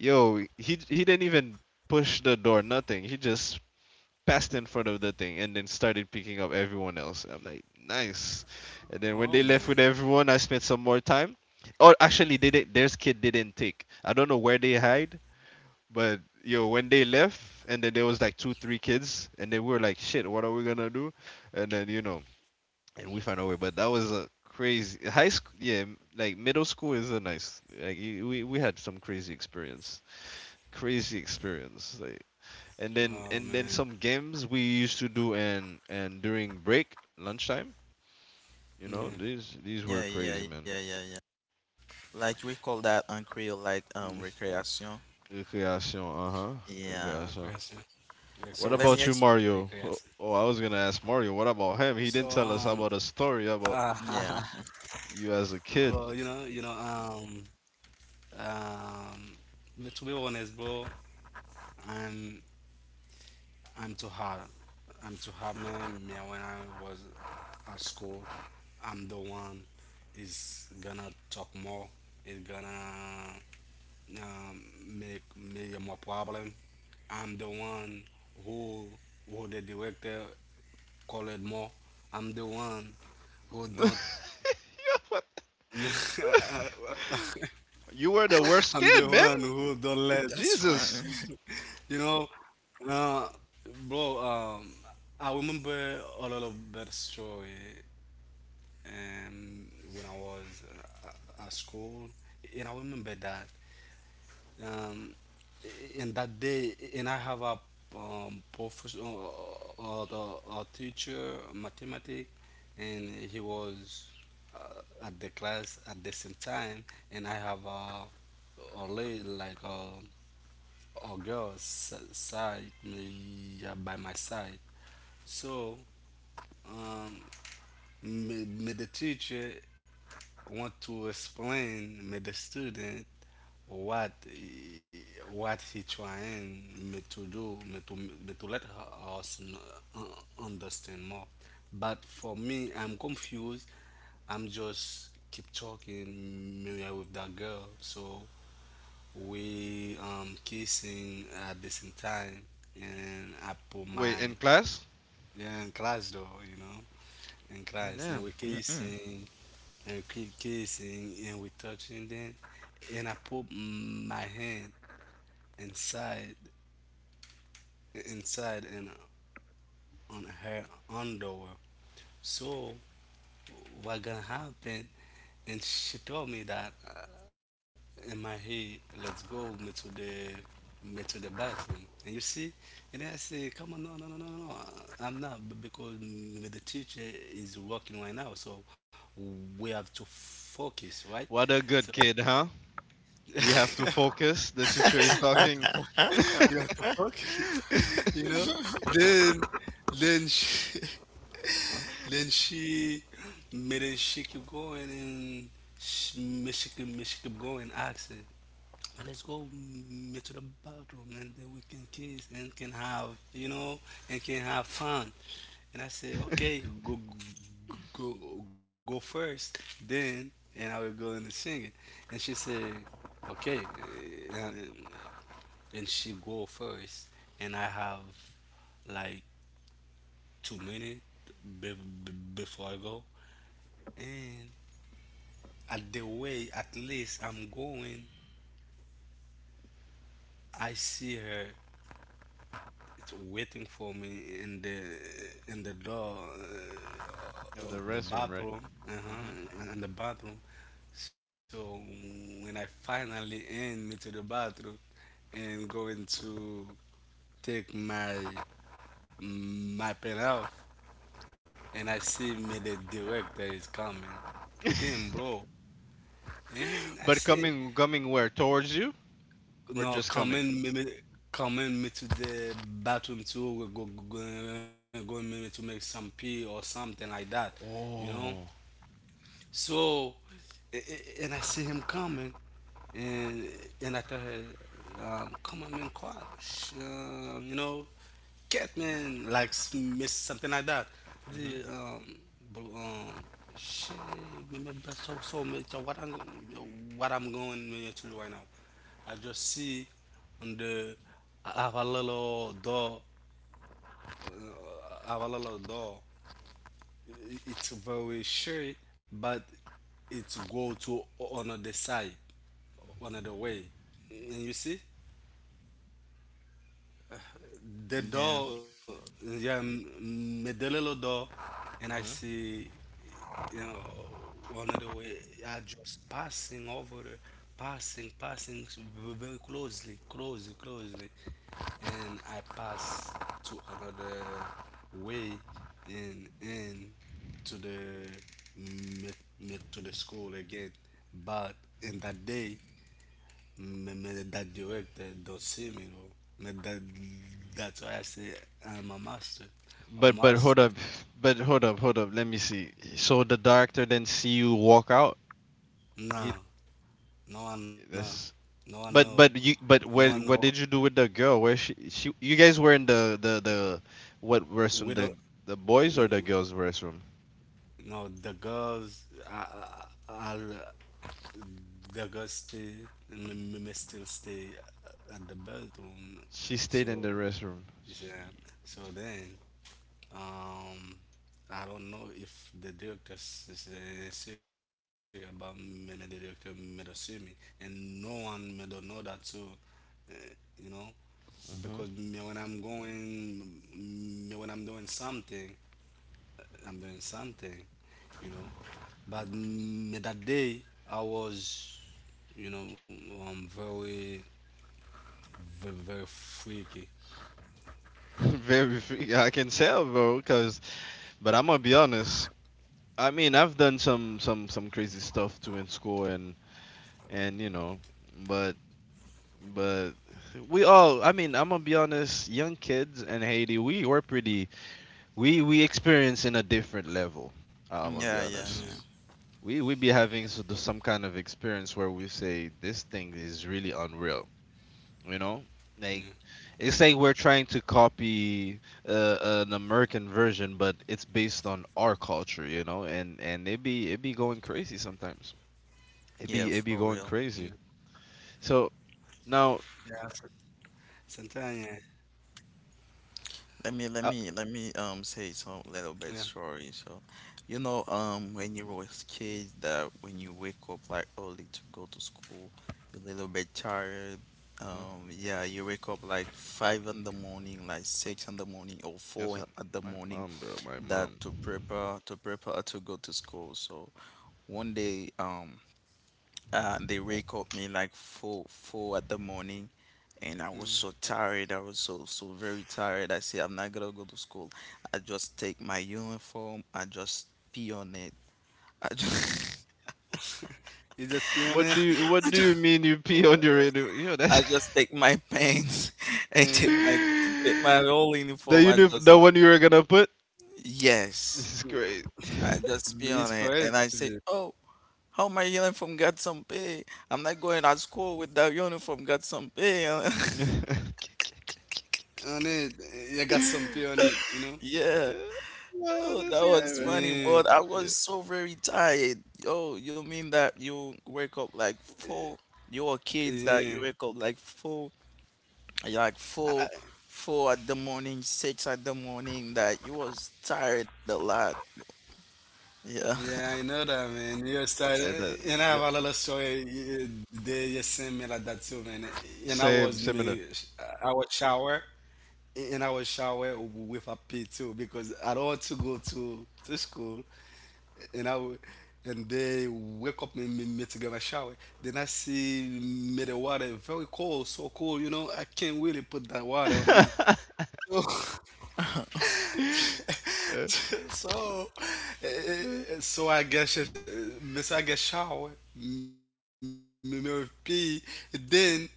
Yo, he didn't even push the door, nothing. He just passed in front of the thing and then started picking up everyone else. I'm like, nice. And Oh then when they man, left with everyone, I spent some more time. Oh, actually, they did. Their kid didn't take. I don't know where they hide, but yo, when they left, and then there was like two, three kids, and then we were like, shit, what are we gonna do? And then, you know, and we found our way. But that was a crazy high school. Yeah, like middle school is a nice. Like, we had some crazy experience, crazy experience. Like, and oh then man. and then some games we used to do, and during break, lunchtime. Yeah. You know, these Yeah, were yeah, yeah, crazy, yeah, man. yeah. Mm. Like we call that on Creole like recreation. Good question. Recreation, uh huh. Good question. Yeah. Recreation. Good question. So What let me about you, ex Mario? Oh, oh, I was So gonna ask Mario. What about him? He didn't uh, tell us about a *laughs* story about yeah. well, you as a kid. um, but to be honest, bro, I'm I'm too hard. I'm too hard, man. Me, when I was at school. I'm the one is gonna talk more. Is gonna um, make me more problem. I'm the one who who the director call it more. I'm the one who *laughs* Yo, don't. *laughs* what? *laughs* I'm the You one were the who worst don't kid, let man. That's funny. *laughs* you Jesus. know. Uh, bro, I remember a lot of bad story. Um, when I was at school, and I remember that. Um, in that day, and I have a professor, a teacher, mathematics, and he was at the class at the same time, and I have a lady like a girl side me yeah, by my side. So um, me the teacher want to explain me the student what he- what he trying me to do me to let her, us kn- understand more, but for me I'm confused. I'm just keep talking me with that girl, so we kissing at the same time, and I put Wait, my in class? yeah in class though, you know, in Man, class, damn. and we're Mm-mm. kissing, and we keep kissing, and we're touching them, and I put my hand inside and on her underwear. So what gonna happen, and she told me that in my head, let's go me to the bathroom. And you see, and I say, come on, no, no, no, no, no, no. I'm not b- because mm, the teacher is working right now, so we have to focus, right? What a So good kid, huh? We *laughs* we have to focus. The teacher is have to talking. focus. *laughs* We have to focus, *laughs* you *laughs* know. Then then she *laughs* then she made it, she keep going, and she, me- she keep going asking. And let's go mm, to the bathroom, and then we can kiss and can have you know and can have fun. And I say okay, go, go first, then, and I will go and sing it. And she say okay eh, and she go first, and I have like 2 minutes be, before I go, and at the way at least I'm going, I see her. It's waiting for me in the door Of the of the restroom, right? bathroom, Hmm. uh-huh, in the bathroom. So when I finally end me to the bathroom and going to take my my pen out, and I see me the director is coming. Damn, bro. And I But said, coming, coming where? Towards you or no, just come coming? in, come in me to the bathroom too. We go in me to make some pee or something like that, you know. Oh. So, and I see him coming, and and I tell her, "Come on, man, quiet, you know, cat man, like miss something like that." Hmm. The bl- um, she remember so so much of what I'm going to do right now. I just see on the I have a little door, uh, I have a little door, it's very short, but it go to another side, another way. And you see, the Yeah. door, yeah, the little door, and I Hmm. see, you know, one of the way are just passing over the, passing, passing very closely, closely, closely, and I pass to another way, and to the, me, me, to the school again, but in that day, me that director don't see me though. Me that that's why I say I'm a master. A But but hold master. up, but hold up, hold up. Let me see. So the director then see you walk out. No, He, no one know. that's, No one know. but you, No but one know. what did you do with the girl? Where she, you guys were in the, what We restroom? don't. The boys or the girls restroom? No, the girls. I the girls stay. Me still stay at the bedroom. She stayed in the So, restroom. yeah. So then. Um, I don't know if the is serious about the director me to see me, and no one me don't know that too, you know, because Hmm. me when I'm going, me when I'm doing something, you know, but me that day I was, you know, very, very, very freaky. *laughs* Very free. I can tell, bro. Cause, but I'm gonna be honest. I mean, I've done some crazy stuff too in school, and you know, but but we all. I mean, I'm gonna be honest. Young kids in Haiti, we were pretty. We experience in a different level. I'm gonna be Yeah, yeah, honest. yeah. Yeah, We be having some kind of experience where we say this thing is really unreal, you know, yeah, like, it's yeah, like we're trying to copy, uh, an American version, but it's based on our culture, you know, and it be, it be going crazy sometimes. yeah. It Yeah, be, for it be real. going crazy. So Yeah. So. now, Sometimes, yeah, uh, Let me say some yeah, little bit story. So, when you were a kid that when you wake up like early to go to school, you're a little bit tired. mhm. Yeah, you wake up like 5 in the morning, like 6 in the morning, or four That's what at the my morning, mom, bro, my that mom. To prepare to go to school. So one day they wake up me like four at the morning and I was so yeah. tired. I was so so very tired. I said, I'm not gonna go to school. I just take my uniform. I just pee on it. I just, You just What playing. do *laughs* you what do you mean you pee on your radio? Yo, *laughs* I that's… just *laughs* take my pants *laughs* and Yeah, take my whole uniform. The I just the one you were gonna put. yes, This is great. yeah. I *laughs* just pee on it, It's and I say, crazy. oh. How my uniform got some pay? I'm not going to school with that uniform got some pay. Yeah. On it, you got some pee on it, *laughs* you know? yeah. *laughs* Oh, Oh, that this guy, was man. funny, but I Yeah, was Yeah. so very tired. Oh, you mean that you wake up like four? You are kids that you yeah. wake up like four, like four, I, I- four at the morning, six at the morning. That you was tired a lot. yeah, I Yeah. know that, man. Your style, eh, and I have a I lot of know. Yep. story. Eh, they you send me like that too, man. And Same, similar. I was shower, and I was shower with a pee too because I don't want to go to school. and I w- and they wake up me to get my shower. Then I see me the water very cold, so cold, you know, I can't really put that water on me. *laughs* So Uh, *laughs* so eh, eh, uh. So me so I get shower, me with pee, then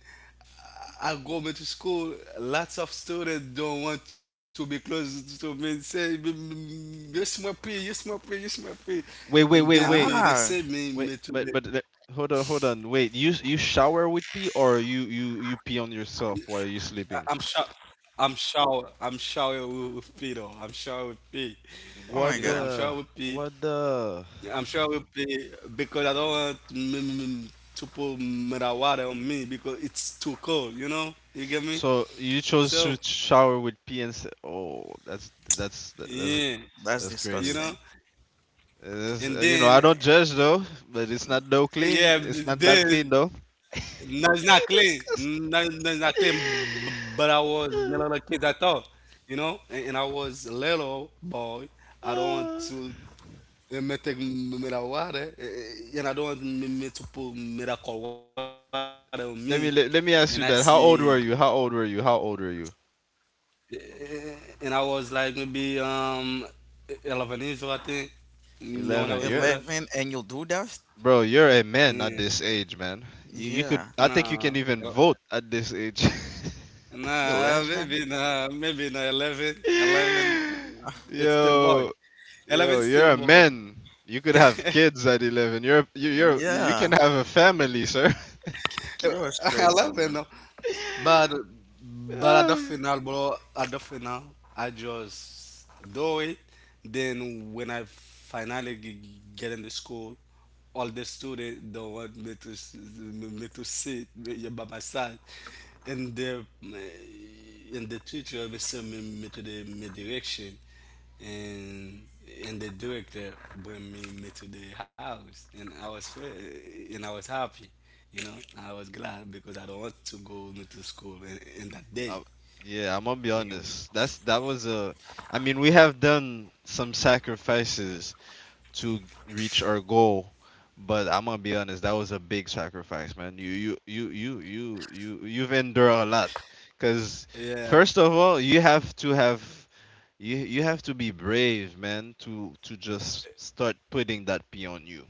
I go me to school. Lots of students don't want to be close to me. Say, you smell pee, you smell pee, you smell pee," and Wait, wait, then wait, me they wait, send Ah. Me to wait. the Hold on, hold on. Wait. You shower with pee, or you pee on yourself while you're I'm sleeping? sure. I'm sure. I'm sure it will be though. I'm sure it will be. You Oh know. my I'm What sure God, it will the, be. what the? I'm sure it will be because I don't want to put mera water on me because it's too cold. You know. You get me? So you chose to So shower with pee and oh, that's that's that's yeah. that's that's crazy. You disgusting. know. It's, And you know, I then don't judge though, but it's Mm, not though clean. yeah. It's not that clean Then though. no, it's not *laughs* clean. Disgusting. No, no, it's not clean. B- But I was *sighs* *laughs* little kid. I thought. You know. And I was little boy. I don't want Uh, to E me tek me da water, eh, eh, and I don't want me to put me that cold water on me. And I let me see, ask mm. you that. How old were you? Eh, eh, and I was like maybe 11 years old, I think. You know when I was doing that? 11. You're 11, and you do that? bro. You're a Yeah. man at this age, man. You could. Yeah. I think you can Nah. even vote at this age. Nah, 11. 11, 11, *laughs* it's still boy. yo yo, 11 you're still a boy. man. You could have kids at 11. You can Yeah. have a family, sir. You was *laughs* I crazy, love it, man. Venom. But *laughs* *sighs* but at the Uh, final, bro, at the final, I just do it. Then when I finally get into school, all the students don't want me to me to sit by my side, and the and the teacher will send me to the my direction, and and the director bring me to the house, and and I was happy, you know I was glad because I don't want to go me to school in that day. I- yeah, I'm gonna be You get me. honest. That was a… I mean, we have done some sacrifices to reach our goal, but I'm gonna be honest. That was a big sacrifice, man. You've endured a lot, cause Yeah, first of all, you have to have, you have to be brave, man, to just start putting that pee on you.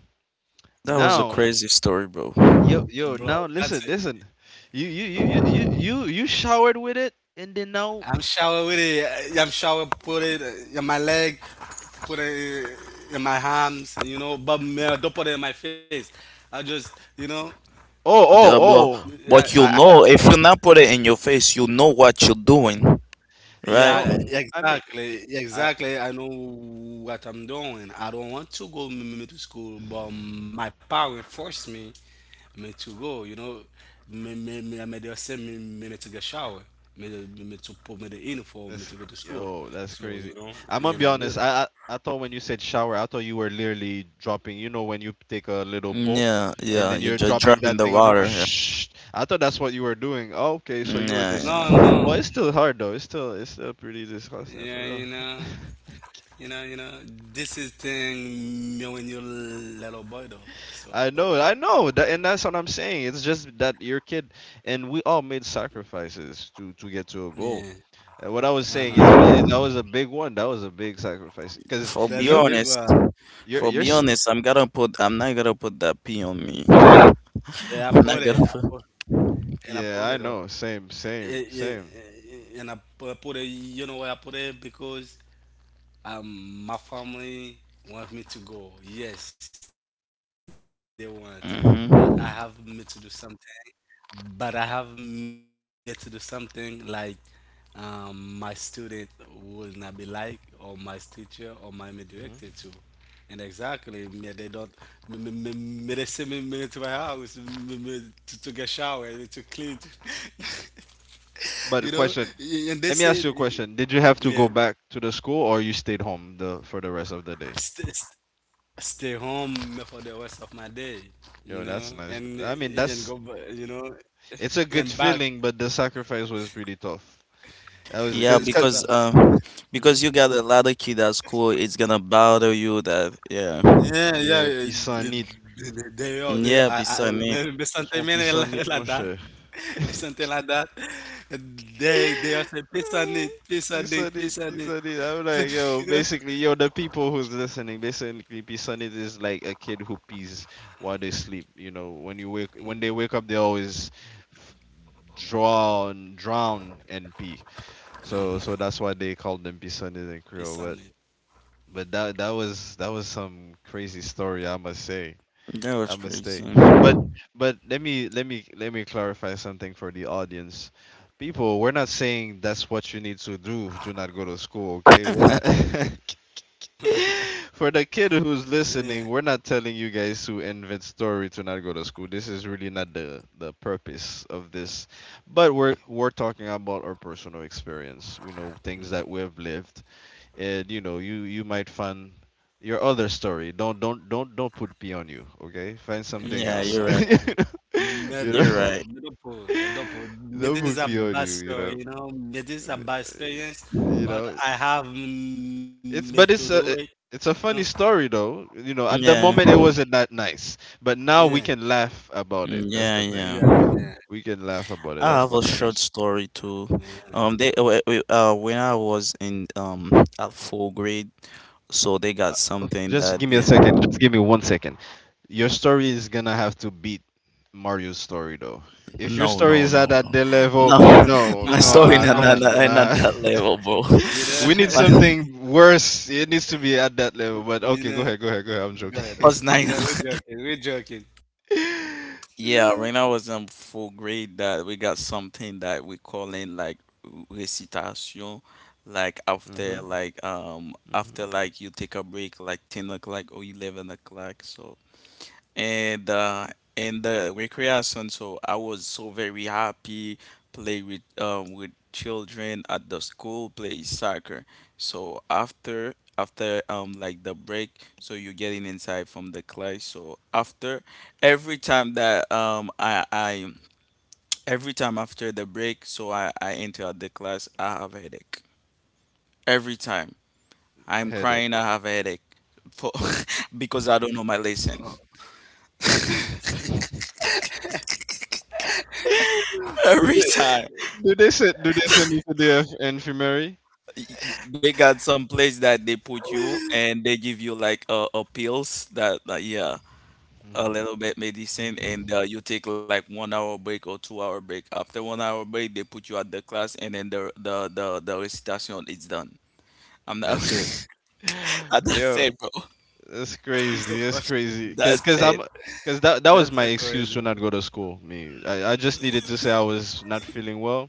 That was a Now, crazy story, bro. Bro, now that's listen, it. listen. You showered with it, and then now… I'm shower with it. Yeah, I'm shower put it in my leg, put it in my arms, you know, but me, I don't put it in my face. I just you know. Uh, but oh. but I if you not put it in your face, you know what you're doing, right? no. Yeah, I mean, exactly. Yeah, I… exactly. I know what I'm doing. I don't want to go to school, but my parents forced me to go. You know, me they send me to get shower, me to put me the uniform, me Listen, to go to school. yo, that's So crazy. you know, I'm gonna and be I do honest. that. I thought when you said shower, I thought you were literally dropping. You know, when you take a little pull, Yeah, and yeah. then You're you're just dropping dropping that the thing on you. water. Shh. I thought that's what you were doing. Oh, okay, so you were Yeah, just… No, yeah, yeah. Well, no. it's still hard though. It's still pretty disgusting for Yeah, real. you know, *laughs* you know, you know. This is thing me when you little boy though. So I know, that, and that's what I'm saying. It's just that your kid and we all made sacrifices to get yeah, to a goal. And uh what I huh. was saying is that was a big one. That was a big sacrifice because For That's a be you, big honest, one. For you're, be s- honest, I'm gonna put. I'm not gonna put that pee on me. Yeah, I I'm put not it. I gonna put put. and I yeah, put I it on. know, same, Yeah, same, yeah, same. yeah, and I put it. You know why I put it? Because my family want me to go. Yes, they want, but I have me to do hmm something. But I have me to do something like my student will not be like, or my teacher, or my director too. And exactly, Hmm. me they don't me they send me to my house me, to get showered, to clean. *laughs* You know, and they But a said, question, let me ask you a yeah, question. Did you have to go back to the school or you stayed home the for the rest st- of the st- day? stay home for the rest of my day. You know, Yo, that's nice. and I go, mean, that's… you know, it's and a back. good feeling, but the sacrifice was pretty tough. That was It's Yeah, because, so tough. Because you got a lot of kid at school, it's gonna bother you. That yeah, Yeah, yeah. yeah, They, pisanit. They are, they are. yeah. I, Besides me, there's something *laughs* Some piece on it, my like that. shit. There's something like that. They are *laughs* saying, peace on it, peace on Peace it, on it, peace on peace it. on it. *laughs* I'm like, *laughs* yo, You know, basically, yo, the people who's listening, basically, peace on it is like a kid who pees while they sleep. You know, when you wake, when they wake up, they always f- drown, drown and pee. So that's why they called them peace on it in Creole. peace on But that that was some crazy story, I must say. that was A mistake. crazy. But let me let me clarify something for the audience. People, we're not saying that's what you need to do to not go to school, okay? We're not… *laughs* *laughs* For the kid who's it. listening, we're not telling you guys to invent story to not go to school. This is really not the purpose of this. But we're talking about our personal experience. We know things that we've lived and you know you you might find your other story. Don't put p on you, okay? Find something Yeah, Yeah, else. you're yeah, right. yeah. *laughs* You know. You're *laughs* Medopo, right. medopo, medopo. Don't This is put a p on bad you, you story, know. you know. This is a bad experience, You but know, I have made it's to but do it's it, a it- you it's a know. funny story though, you know. At the Mm, Yeah. moment it wasn't that nice, but now yeah, we can laugh about it. That's Yeah, the thing. yeah, yeah. yeah. We can laugh about it. I That's have what a short matters. story too. Yeah. *laughs* They when I was in at full grade, so they Uh, got oh, something just that give me a they second. Just give me one second. Your story is gonna have to beat Mario's story, though. If your no, no, story is no, at that no, level… no. *laughs* No, My no, story now come you on, can, not nah. that level, bro. you *laughs* know, We need *laughs* I *laughs* something worse. It needs to be at that level. But you okay, know. Go ahead. I'm Go ahead. joking. Uh, was *laughs* 9. yeah, *laughs* we're joking. We're joking. Yeah, Yeah. when I was in full grade, that we got something that we call in like recitation, like after Mhm. like after Mhm. like you take a break like 10 o'clock or 11 o'clock, so. And in the recreation so I was so very happy play with children at the school play soccer. So after like the break so you're getting inside from the class so after every time that I every time after the break so I enter the class I have a headache every time I'm Headache. crying I have a headache for *laughs* because I don't know my lesson. *laughs* do *laughs* Every they time do they send, do they send you to the infirmary? they got some place that they put you and they give you like a pills that yeah Mm. a little bit medicine and you take like 1 hour break or 2 hour break after 1 hour break they put you at the class and then the recitation is done. I'm not. That's it. *laughs* *laughs* You're That's Yo. so it bro. That's fast. *laughs* crazy. That's crazy. That's so That's it. crazy. Cause that that was my excuse to not go to school. Me, I just needed to say I was not feeling well,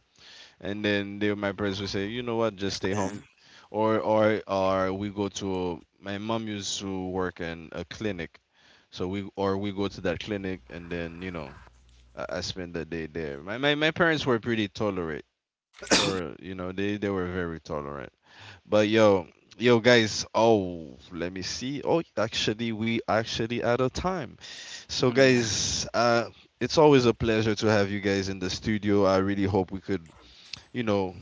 and then they, my parents would say, you know what, just stay Yeah, home, or we go to… my mom used to work in a clinic, so we, or we go to that clinic, and then you know I spend the day there. My parents were pretty tolerant. Tolerant, you know, they were very tolerant. But yo, yo guys, oh, let me see. Oh, actually we actually out of time. So yeah, guys, it's always a pleasure to have you guys in the studio. I really hope we could, you know,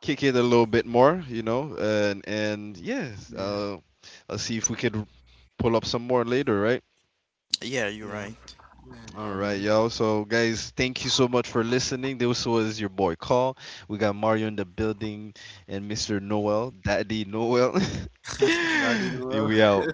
kick it a little bit more, you know, and Man. yes, I'll see if we could pull up some more later, right? Yeah, yeah. yeah, you're right. There you are, man. All right, y'all. So, guys, thank you so much for listening. This was your boy Call. We got Mario in the building and Mr. Noel, Daddy Noel. I didn't *laughs* We know. out.